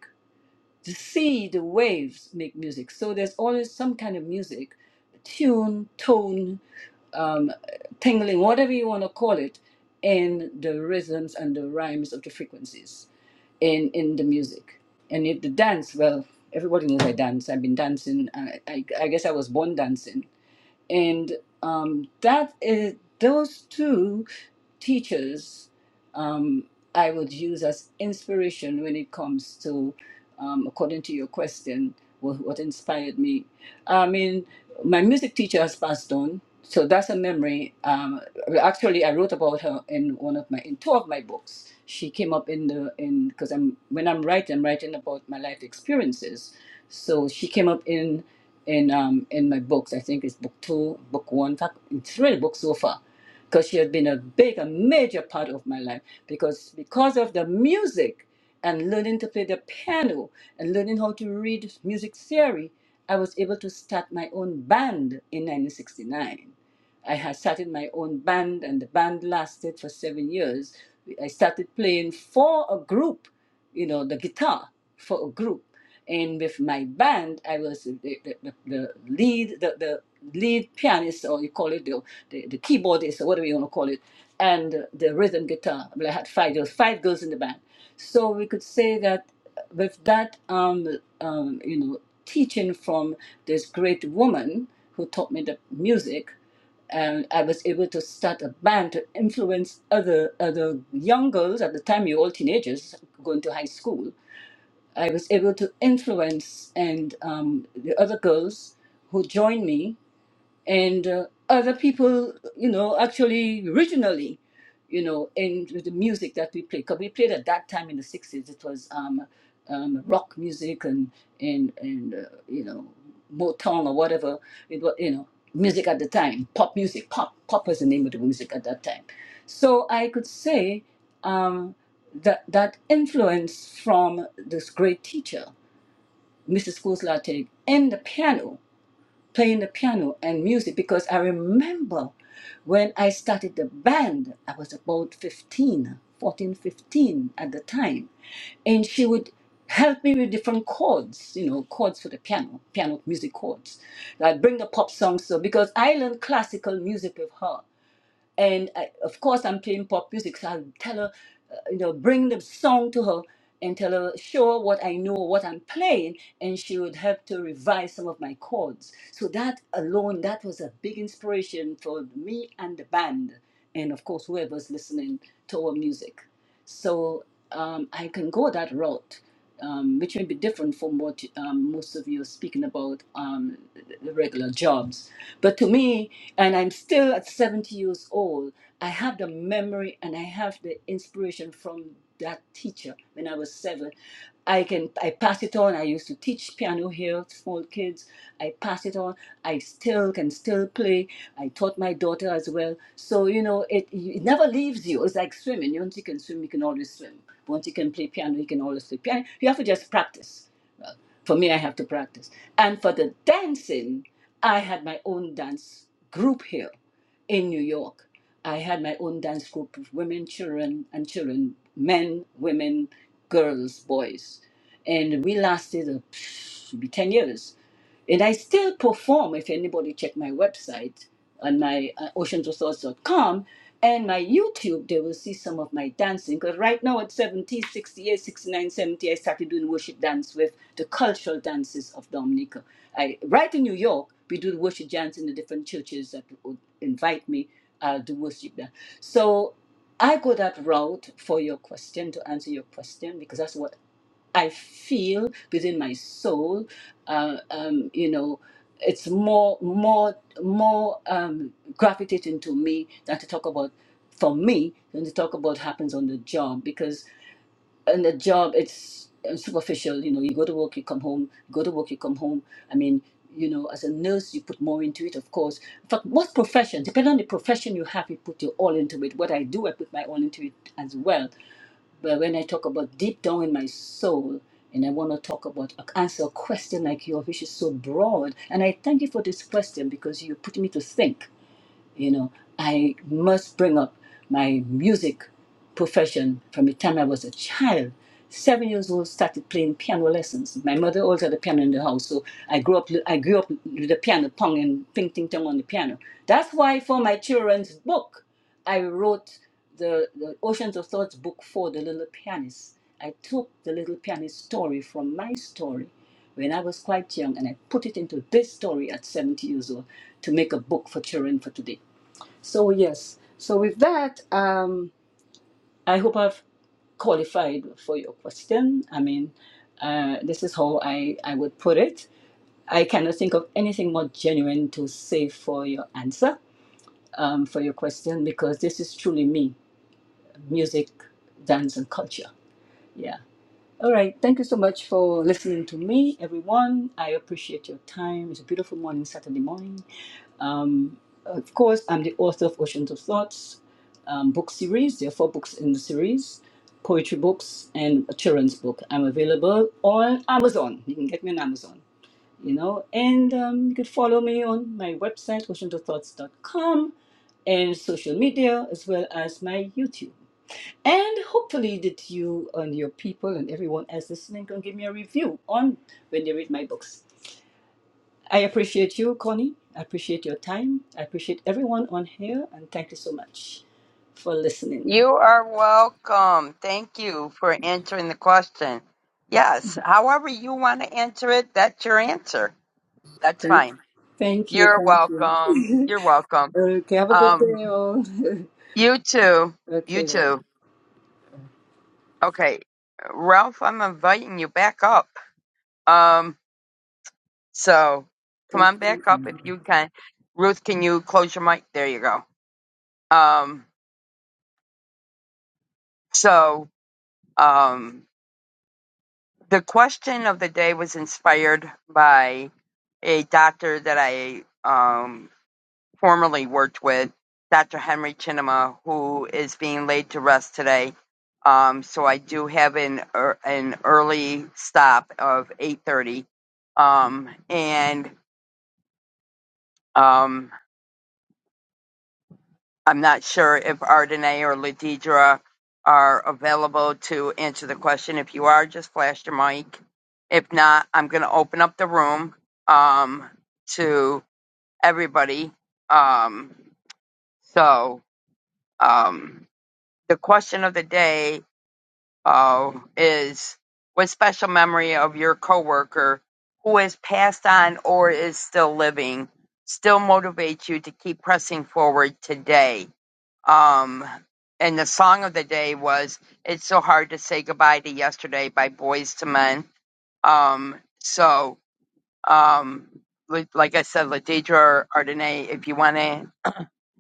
Speaker 5: the sea, the waves make music. So there's always some kind of music, tune, tone, um, tingling, whatever you want to call it, in the rhythms and the rhymes of the frequencies in in the music and it, the dance well everybody knows i dance i've been dancing i, I, I guess i was born dancing and um, that is those two teachers um, I would use as inspiration when it comes to, um, according to your question, what, what inspired me. I mean, my music teacher has passed on, so that's a memory. Um, actually, I wrote about her in one of my in two of my books. She came up in the in because I'm when I'm writing, I'm writing about my life experiences. So she came up in in um in my books. I think it's book two, book one, in fact, in three books so far because she had been a big, a major part of my life. Because because of the music and learning to play the piano and learning how to read music theory, I was able to start my own band in 1969. I had started my own band, and the band lasted for seven years. I started playing for a group, you know, the guitar for a group. And with my band, I was the, the, the, the lead, the, the lead pianist, or you call it the, the, the keyboardist, or whatever you want to call it, and the rhythm guitar. Well, I had five girls, five girls in the band. So we could say that with that, um, um, you know, teaching from this great woman who taught me the music, and I was able to start a band to influence other other young girls at the time. You all teenagers going to high school. I was able to influence and um, the other girls who joined me and uh, other people, you know, actually originally, you know, in the music that we played. Because we played at that time in the 60s, it was um, um, rock music and, and, and uh, you know, Motown or whatever. It was, you know, music at the time, pop music. Pop, pop was the name of the music at that time. So I could say um, that, that influence from this great teacher, Mrs. Kool-Slater, and the piano playing the piano and music because I remember when I started the band, I was about 15, 14, 15 at the time. And she would help me with different chords, you know, chords for the piano, piano music chords. I'd bring the pop songs. So because I learned classical music with her and I, of course I'm playing pop music, so I'll tell her, uh, you know, bring the song to her and tell her, show her what I know, what I'm playing, and she would help to revise some of my chords. So that alone, that was a big inspiration for me and the band, and of course whoever's listening to our music. So um, I can go that route. Um, which may be different from what um, most of you are speaking about um, the regular jobs but to me, and I'm still at 70 years old, I have the memory and I have the inspiration from that teacher when I was seven. I can I pass it on. I used to teach piano here, small kids. I pass it on. I still can still play. I taught my daughter as well. So you know, it it never leaves you. It's like swimming. Once you can swim, you can always swim. Once you can play piano, you can always play piano. You have to just practice for me, I have to practice. And for the dancing, I had my own dance group here in New York. I had my own dance group of women, children, and children, men, women, girls, boys. And we lasted uh, maybe 10 years and I still perform if anybody check my website on my uh, oceansresource.com and my YouTube, they will see some of my dancing. Because right now at seventy-sixty-eight, sixty-nine, seventy, I started doing worship dance with the cultural dances of Dominica. I, right in New York, we do the worship dance in the different churches that would invite me uh, to worship dance. So I go that route for your question, to answer your question, because that's what I feel within my soul, uh, um, you know, it's more, more, more um, gravitating to me than to talk about for me than to talk about happens on the job because on the job it's uh, superficial. You know, you go to work, you come home. You go to work, you come home. I mean, you know, as a nurse, you put more into it, of course. But what profession? Depending on the profession you have, you put your all into it. What I do, I put my all into it as well but when I talk about deep down in my soul, and I want to talk about uh, answer a question like yours, which is so broad. And I thank you for this question because you put me to think. You know, I must bring up my music profession from the time I was a child. Seven years old, started playing piano lessons. My mother always had a piano in the house, so I grew up. I grew up with the piano, pong and ping ting tong on the piano. That's why for my children's book, I wrote the, the Oceans of Thoughts book for the little pianist. I took the little pianist story from my story when I was quite young and I put it into this story at 70 years old to make a book for children for today. So, yes. So, with that, um, I hope I've qualified for your question. I mean, uh, this is how I, I would put it. I cannot think of anything more genuine to say for your answer, um, for your question, because this is truly me music, dance, and culture. Yeah. All right. Thank you so much for listening to me, everyone. I appreciate your time. It's a beautiful morning, Saturday morning. Um, Of course, I'm the author of Oceans of Thoughts um, book series. There are four books in the series poetry books and a children's book. I'm available on Amazon. You can get me on Amazon, you know, and um, you could follow me on my website, oceansofthoughts.com, and social media as well as my YouTube. And hopefully that you and your people and everyone else listening can give me a review on when they read my books. I appreciate you, Connie. I appreciate your time. I appreciate everyone on here, and thank you so much for listening.
Speaker 2: You are welcome. Thank you for answering the question. Yes, however you want to answer it, that's your answer. That's
Speaker 5: Thank,
Speaker 2: fine.
Speaker 5: thank you,
Speaker 2: You're
Speaker 5: thank
Speaker 2: welcome.
Speaker 5: you.
Speaker 2: You're welcome.
Speaker 5: okay, have a good
Speaker 2: Um,
Speaker 5: day, all.
Speaker 2: You too. You
Speaker 5: okay, then.
Speaker 2: too. Okay. Ralph, I'm inviting you back up. Um, so come
Speaker 5: thank
Speaker 2: on back up
Speaker 5: you.
Speaker 2: if you can. Ruth, can you close your mic? There you go. Um, so um, the question of the day was inspired by a doctor that I um, formerly worked with, Dr. Henry Chinema, who is being laid to rest today. Um, so I do have an, er, an early stop of 8:30 Um, and um, I'm not sure if Ardenae or Ladidra are available to answer the question. If you are, just flash your mic. If not, I'm going to open up the room um, to everybody. Um, so um, the question of the day uh, is what special memory of your coworker who has passed on or is still living still motivates you to keep pressing forward today? Um, and the song of the day was "It's So Hard to Say Goodbye to Yesterday" by Boys to Men. Um, so, um, li- like I said, Ladidra or Ardenae, if you want to,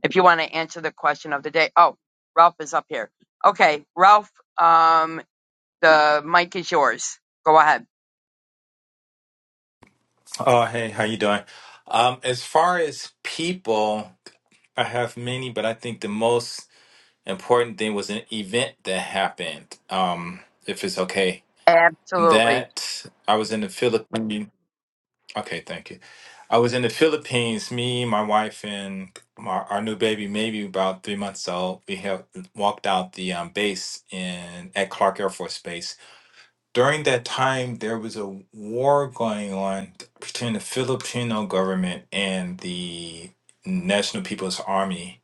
Speaker 2: if you want to answer the question of the day. Oh, Ralph is up here. Okay, Ralph. Um, the mic is yours. Go ahead.
Speaker 6: Oh, hey, how you doing? Um, as far as people, I have many, but I think the most important thing was an event that happened. Um, if it's okay,
Speaker 2: Absolutely.
Speaker 6: that I was in the Philippines. Okay, thank you. I was in the Philippines. Me, my wife, and my, our new baby, maybe about three months old. We have walked out the um, base in at Clark Air Force Base during that time, there was a war going on between the Filipino government and the National People's Army,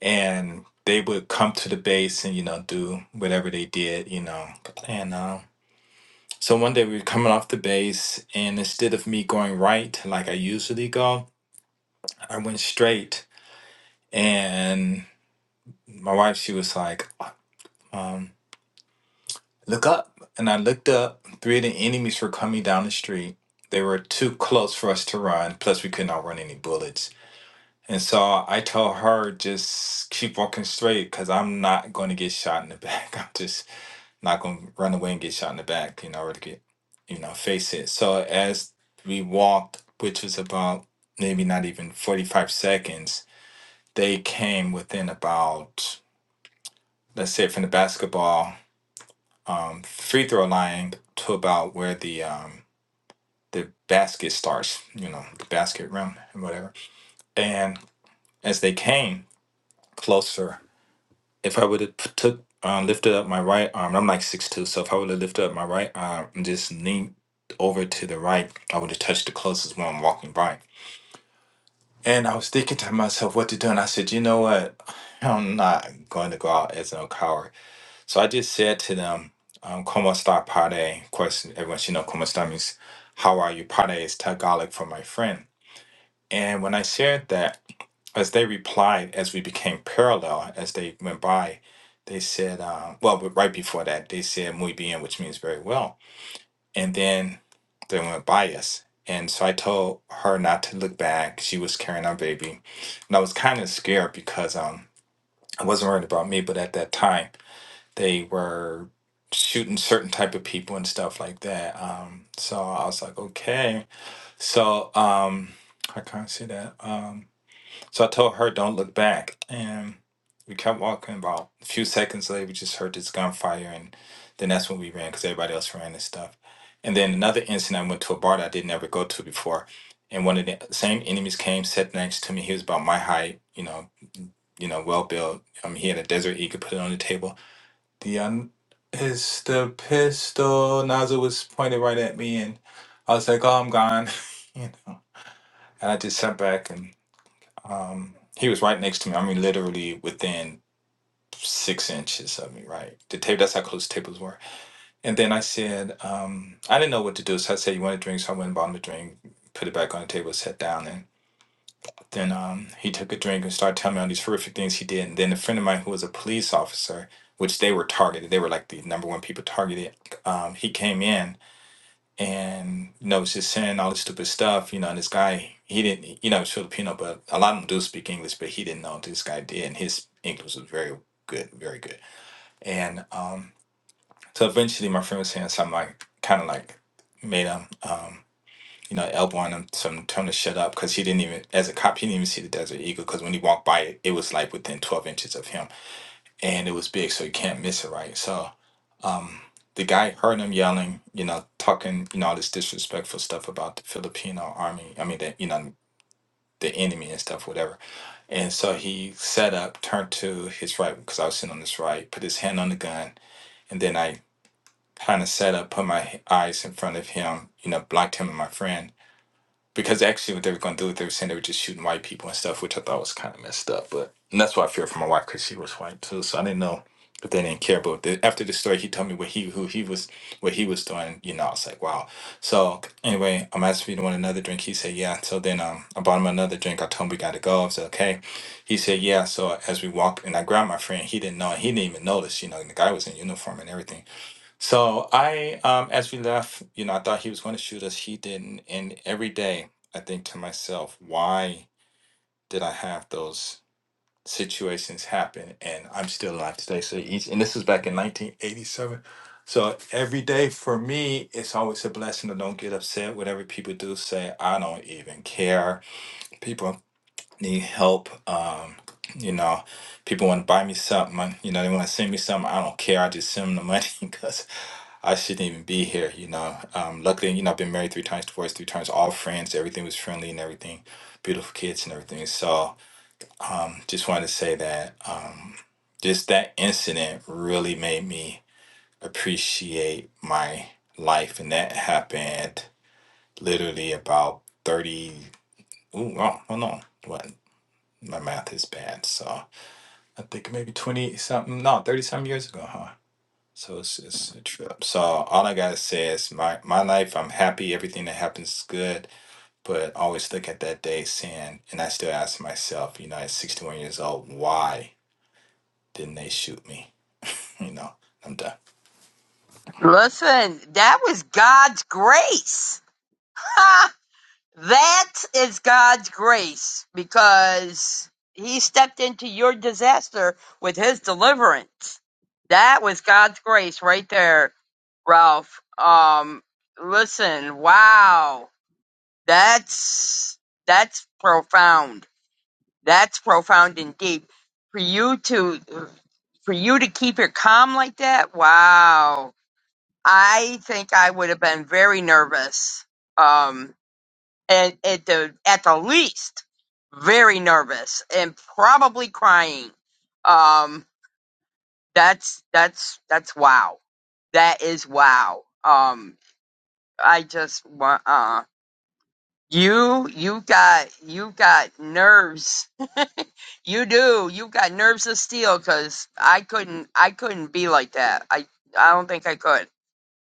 Speaker 6: and they would come to the base and you know do whatever they did, you know. And um, so one day we were coming off the base, and instead of me going right like I usually go, I went straight, and my wife she was like, "Um, Look up. And I looked up. Three of the enemies were coming down the street. They were too close for us to run. Plus, we could not run any bullets. And so I told her, just keep walking straight because I'm not going to get shot in the back. I'm just not going to run away and get shot in the back, you know, or to get, you know, face it. So as we walked, which was about maybe not even 45 seconds, they came within about, let's say from the basketball um, free throw line to about where the um, the basket starts, you know, the basket rim and whatever. And as they came closer, if I would have took uh, lifted up my right arm, I'm like six two, so if I would have lifted up my right arm and just leaned over to the right, I would have touched the closest one walking by. And I was thinking to myself what to do, and I said, you know what, I'm not going to go out as a coward. So I just said to them, um, "Como está, padre?" Of course, everyone should know "Como está" means "How are you?" Padre is Tagalog for my friend. And when I shared that, as they replied, as we became parallel, as they went by, they said, uh, "Well, but right before that, they said muy bien," which means very well, and then they went by us. And so I told her not to look back. She was carrying our baby, and I was kind of scared because um, I wasn't worried about me, but at that time they were shooting certain type of people and stuff like that. Um, so I was like, okay. So um, I can't see that. Um, so I told her, don't look back. And we kept walking. About a few seconds later, we just heard this gunfire. And then that's when we ran because everybody else ran and stuff. And then another incident, I went to a bar that I didn't ever go to before. And one of the same enemies came, sat next to me. He was about my height, you know, you know, well built. Um, he had a desert eagle put it on the table the un- it's the pistol nozzle was pointed right at me, and I was like, "Oh, I'm gone," you know. And I just sat back, and um, he was right next to me. I mean, literally within six inches of me, right? The table. That's how close the tables were. And then I said, um, I didn't know what to do, so I said, "You want a drink?" So I went and bought him a drink, put it back on the table, sat down, then um, he took a drink and started telling me all these horrific things he did. And then a friend of mine who was a police officer, which they were targeted, they were like the number one people targeted. Um, he came in and you know was just saying all this stupid stuff. You know, and this guy he didn't, you know, he's Filipino, but a lot of them do speak English, but he didn't know this guy did, and his English was very good, very good. And um, so eventually, my friend was saying something like, kind of like made him. Um, you know, elbowing him to tell him to shut up because he didn't even, as a cop, he didn't even see the Desert Eagle because when he walked by it, it was like within 12 inches of him and it was big, so you can't miss it, right? So um, the guy heard him yelling, you know, talking, you know, all this disrespectful stuff about the Filipino army, I mean, the, you know, the enemy and stuff, whatever. And so he set up, turned to his right because I was sitting on his right, put his hand on the gun, and then I kind of set up, put my eyes in front of him, you know, blocked him and my friend because actually what they were going to do, they were saying they were just shooting white people and stuff, which I thought was kind of messed up. But and that's why I feared for my wife because she was white too, so I didn't know if they didn't care. But the, after the story, he told me what he who he was what he was doing. You know, I was like, wow. So anyway, I'm asking if he didn't want another drink. He said, yeah. So then um, I bought him another drink. I told him we got to go. I said, okay. He said, yeah. So as we walked, and I grabbed my friend. He didn't know. He didn't even notice. You know, and the guy was in uniform and everything. So I, um, as we left, you know, I thought he was going to shoot us. He didn't. And every day I think to myself, why did I have those situations happen? And I'm still alive today. So each, and this was back in 1987. So every day for me, it's always a blessing to don't get upset. Whatever people do say, I don't even care. People need help. Um, you know, people want to buy me something. You know, they want to send me something. I don't care. I just send them the money because I shouldn't even be here, you know. Um, luckily, you know, I've been married three times, divorced three times, all friends. Everything was friendly and everything, beautiful kids and everything. So, um, just wanted to say that um, just that incident really made me appreciate my life, and that happened literally about thirty. Ooh, oh, oh no, what? My math is bad, so I think maybe twenty something, no, thirty something years ago, huh? So it's, it's a trip. So all I gotta say is my my life. I'm happy. Everything that happens is good. But always look at that day, saying, and I still ask myself, you know, at 61 years old, why didn't they shoot me? You know, I'm done.
Speaker 2: Listen, that was God's grace. Ha! that is God's grace because he stepped into your disaster with his deliverance. That was God's grace right there, Ralph. Um listen, wow. That's that's profound. That's profound and deep. For you to for you to keep it calm like that, wow. I think I would have been very nervous. Um and at the at the least very nervous and probably crying. Um that's that's that's wow. That is wow. Um I just want uh you you got you got nerves You do. You've got nerves of steel because I couldn't I couldn't be like that. I I don't think I could.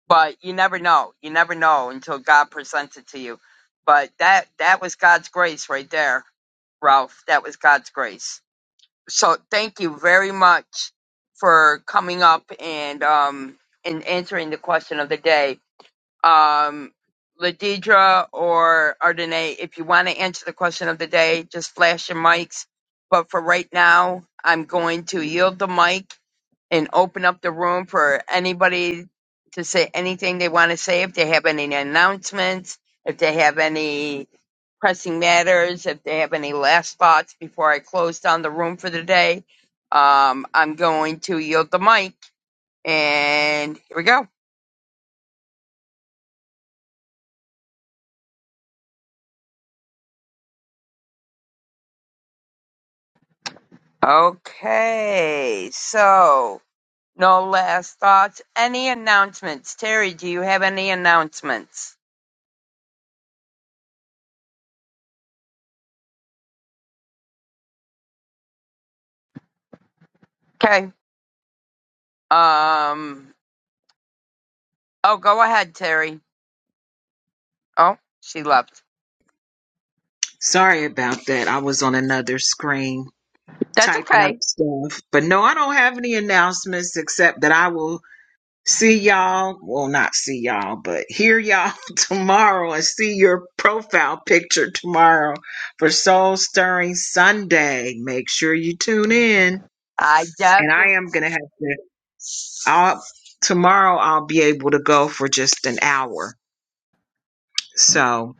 Speaker 2: But you never know. You never know until God presents it to you. But that that was God's grace right there, Ralph. That was God's grace. So thank you very much for coming up and um and answering the question of the day um, Ladidra or Ardenae, if you want to answer the question of the day, just flash your mics. But for right now, I'm going to yield the mic and open up the room for anybody to say anything they want to say. If they have any announcements, if they have any pressing matters, if they have any last thoughts before I close down the room for the day, um, I'm going to yield the mic. And here we go. Okay, so No last thoughts. Any announcements? Terry, do you have any announcements? Okay. Um. Oh, go ahead, Terry. Oh, she left.
Speaker 3: Sorry about that. I was on another screen
Speaker 2: That's
Speaker 3: typing up
Speaker 2: okay.
Speaker 3: stuff, but no, I don't have any announcements except that I will see y'all. Well, not see y'all, but hear y'all tomorrow and see your profile picture tomorrow for Soul Stirring Sunday. Make sure you tune in.
Speaker 2: I
Speaker 3: and I
Speaker 2: definitely.
Speaker 3: am gonna have to. I'll tomorrow. I'll be able to go for just an hour. So,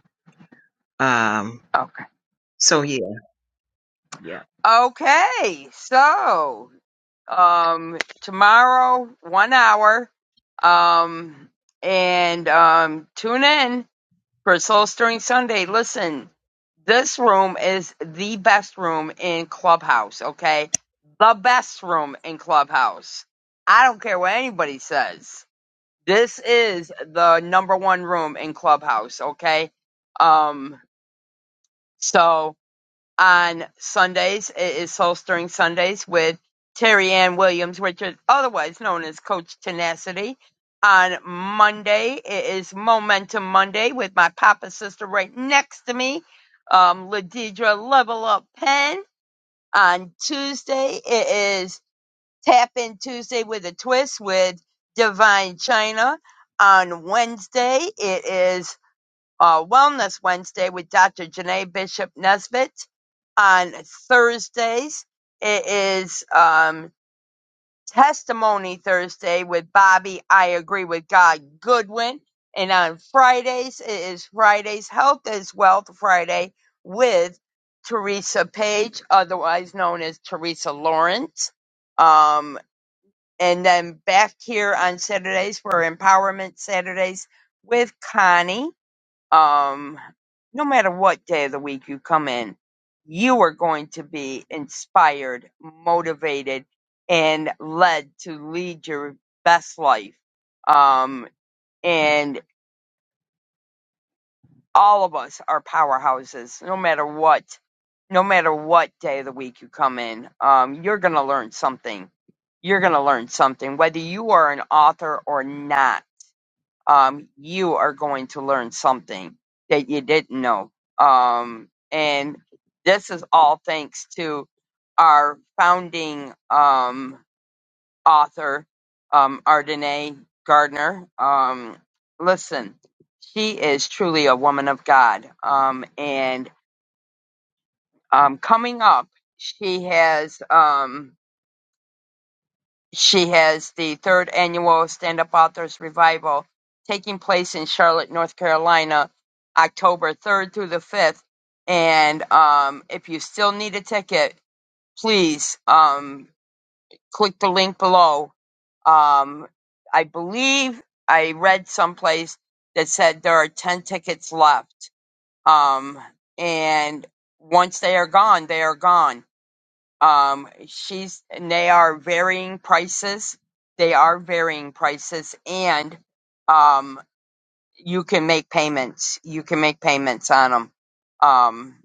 Speaker 3: um,
Speaker 2: Okay.
Speaker 3: so yeah, Yeah.
Speaker 2: Okay. So, um, tomorrow, one hour. Um, and um, tune in. for Souls during Sunday. Listen, this room is the best room in Clubhouse, okay? The best room in Clubhouse. I don't care what anybody says. This is the number one room in Clubhouse, okay? Um, so on Sundays. It is Soul Stirring Sundays with Terry Ann Williams, which is otherwise known as Coach Tenacity. On Monday, it is Momentum Monday with my papa sister right next to me, um, Ladidra Level Up Pen. On Tuesday, it is Tap In Tuesday with a Twist with Divine China. On Wednesday, it is uh, Wellness Wednesday with Dr. Janae Bishop Nesbitt. On Thursdays, it is um, Testimony Thursday with Bobby I Agree with God Goodwin. And on Fridays, it is Fridays Health is Wealth Friday with Teresa Page, otherwise known as Teresa Lawrence. Um, and then back here on Saturdays for Empowerment Saturdays with Connie um, no matter what day of the week you come in, you are going to be inspired, motivated, and led to lead your best life. Um, and all of us are powerhouses, no matter what, no matter what day of the week you come in. Um, you're going to learn something. You're going to learn something, whether you are an author or not um, you are going to learn something that you didn't know. Um, and this is all thanks to our founding um, author, um, Ardenae Gardner. Um, listen, she is truly a woman of God. Um, and um, coming up, she has. Um, She has the third annual Stand Up Authors Revival taking place in Charlotte, North Carolina, October 3rd through the 5th. And um, if you still need a ticket, please um, click the link below. Um, I believe I read someplace that said there are 10 tickets left. Um, and once they are gone, they are gone um, she's and they are varying prices. They are varying prices, and um, you can make payments. You can make payments on them. Um,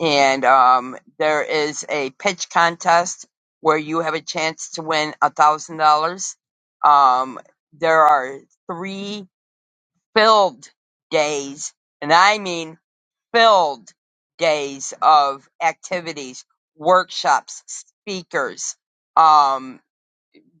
Speaker 2: and um, there is a pitch contest where you have a chance to win a thousand dollars. Um, there are three filled days, and I mean filled days of activities, workshops, speakers. Um,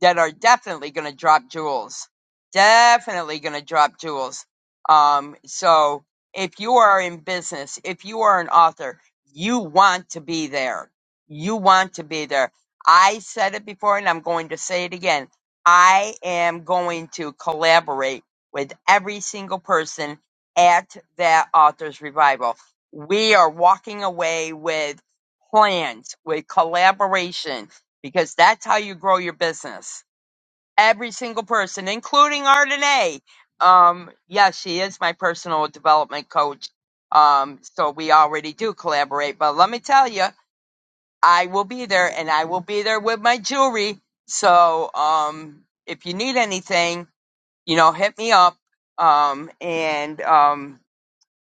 Speaker 2: that are definitely going to drop jewels. Definitely going to drop jewels. Um, so if you are in business, if you are an author, you want to be there. You want to be there. I said it before and I'm going to say it again. I am going to collaborate with every single person at that author's revival. We are walking away with plans, with collaboration because that's how you grow your business. Every single person, including Ardenae. Um, yeah, she is my personal development coach. Um, so we already do collaborate. But let me tell you, I will be there, and I will be there with my jewelry. So um, if you need anything, you know, hit me up. Um, and um,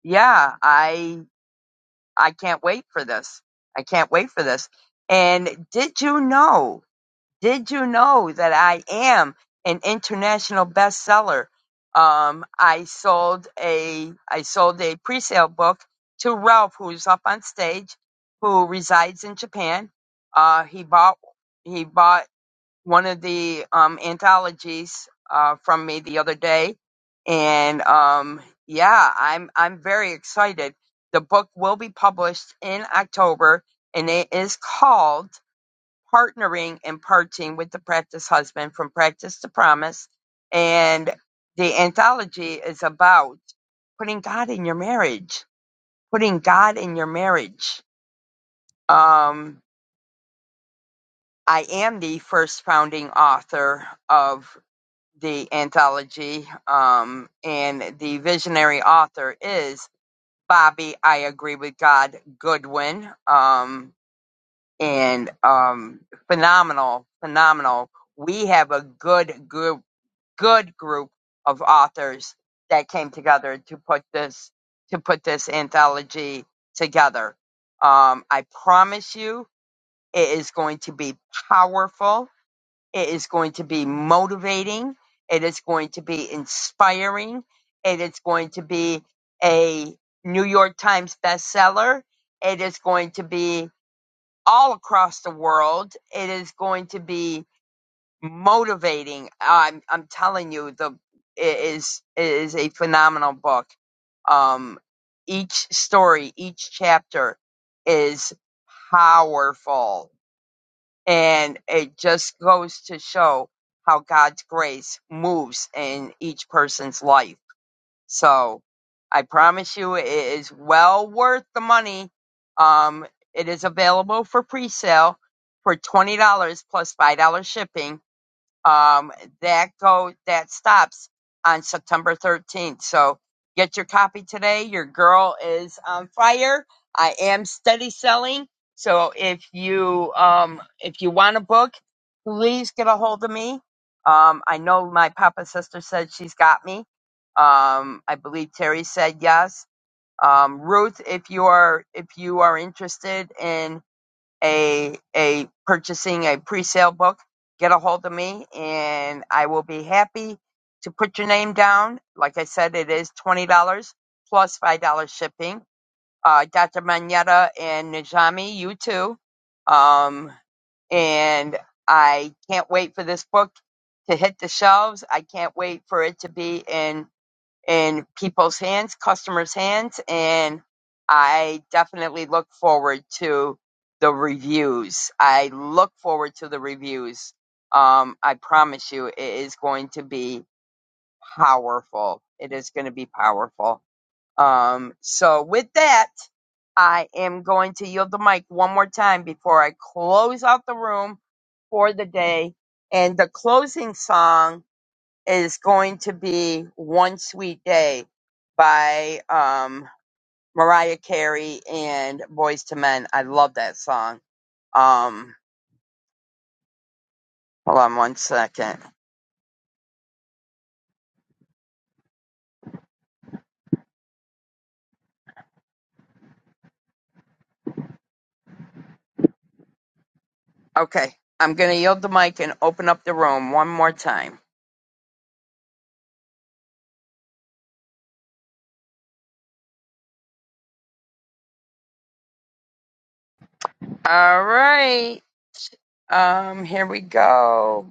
Speaker 2: yeah, I I can't wait for this. I can't wait for this. And did you know? Did you know that I am an international bestseller? Um, I sold a I sold a pre-sale book to Ralph, who's up on stage, who resides in Japan. Uh, he bought he bought one of the um, anthologies uh, from me the other day, and um, yeah, I'm I'm very excited. The book will be published in October, and it is called partnering and parting with the practice husband from practice to promise. And the anthology is about putting God in your marriage, putting God in your marriage. Um, I am the first founding author of the anthology, um, and the visionary author is Bobby. I agree with God Goodwin, um, and um, phenomenal, phenomenal we have a good good. good group of authors that came together to put this to put this anthology together. Um, I promise you, it is going to be powerful. It is going to be motivating. It is going to be inspiring. It is going to be a New York Times bestseller. It is going to be all across the world. It is going to be motivating. I'm I'm telling you, the it is it is a phenomenal book. Um, each story, each chapter is powerful, and it just goes to show how God's grace moves in each person's life. So, I promise you, it is well worth the money. Um, it is available for pre-sale for twenty dollars plus five dollars shipping um, that go that stops on September 13th. So get your copy today. Your girl is on fire. I am steady selling. So if you um if you want a book, please get a hold of me. Um, I know my papa sister said she's got me. Um, I believe Terry said yes. Um, Ruth, if you are if you are interested in a a purchasing a pre-sale book, get a hold of me and I will be happy to put your name down. Like I said, it is twenty dollars plus five dollars shipping. Uh, Dr. Manetta and Najami, you too. Um, and I can't wait for this book to hit the shelves. I can't wait for it to be in in people's hands, customers' hands, and I definitely look forward to the reviews. I look forward to the reviews. Um, I promise you, it is going to be powerful. It is going to be powerful. Um, so with that, I am going to yield the mic one more time before I close out the room for the day. And the closing song is going to be One Sweet Day by um, Mariah Carey and Boys to Men. I love that song. Um, hold on one second. Okay, I'm going to yield the mic and open up the room one more time. All right, um, here we go.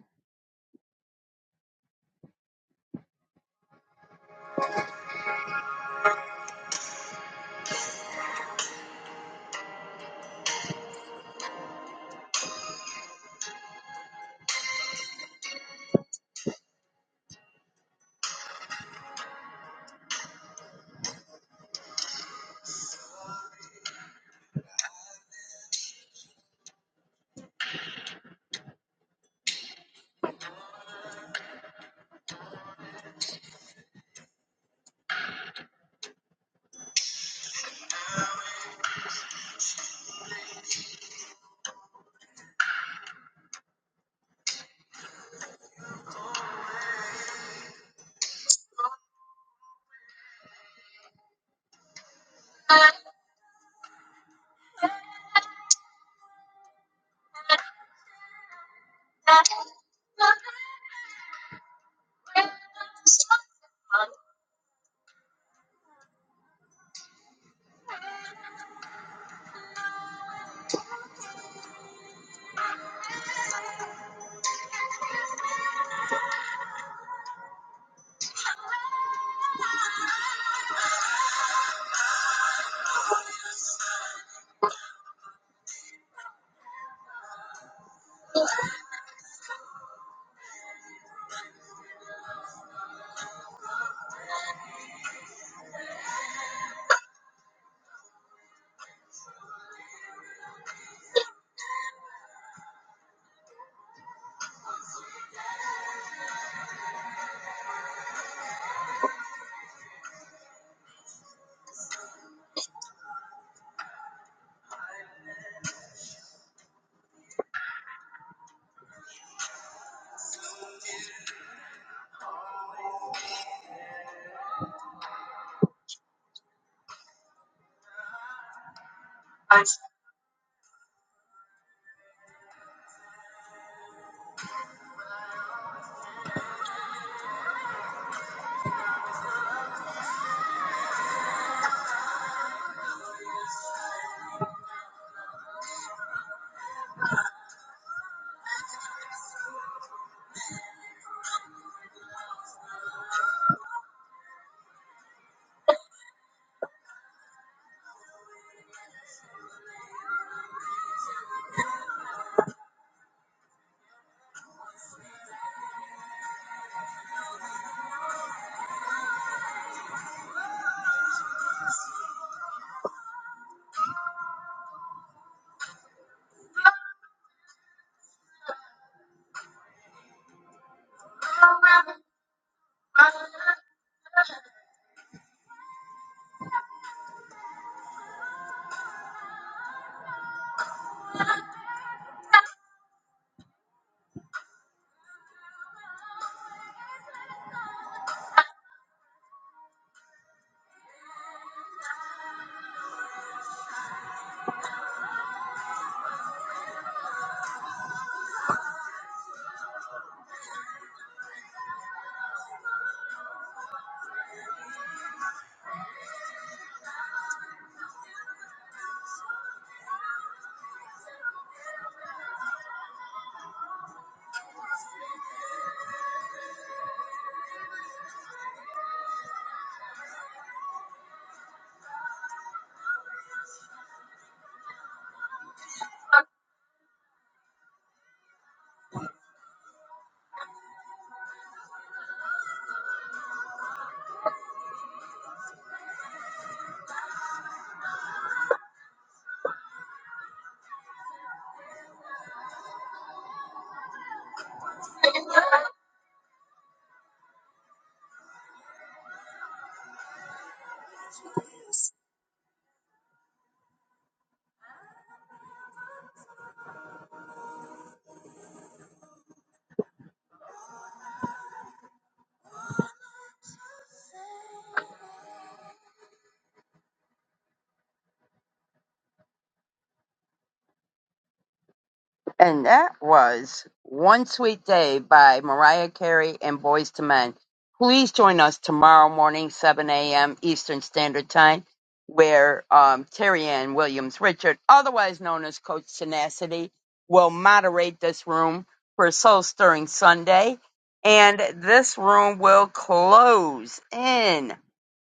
Speaker 2: And that was One Sweet Day by Mariah Carey and Boys to Men. Please join us tomorrow morning, 7 a.m. Eastern Standard Time, where um, Terry Ann Williams Richard, otherwise known as Coach Tenacity, will moderate this room for Soul Stirring Sunday. And this room will close in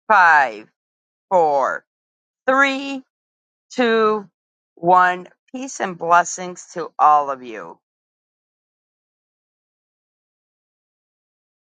Speaker 2: five, four, three, two, one. Peace and blessings to all of you.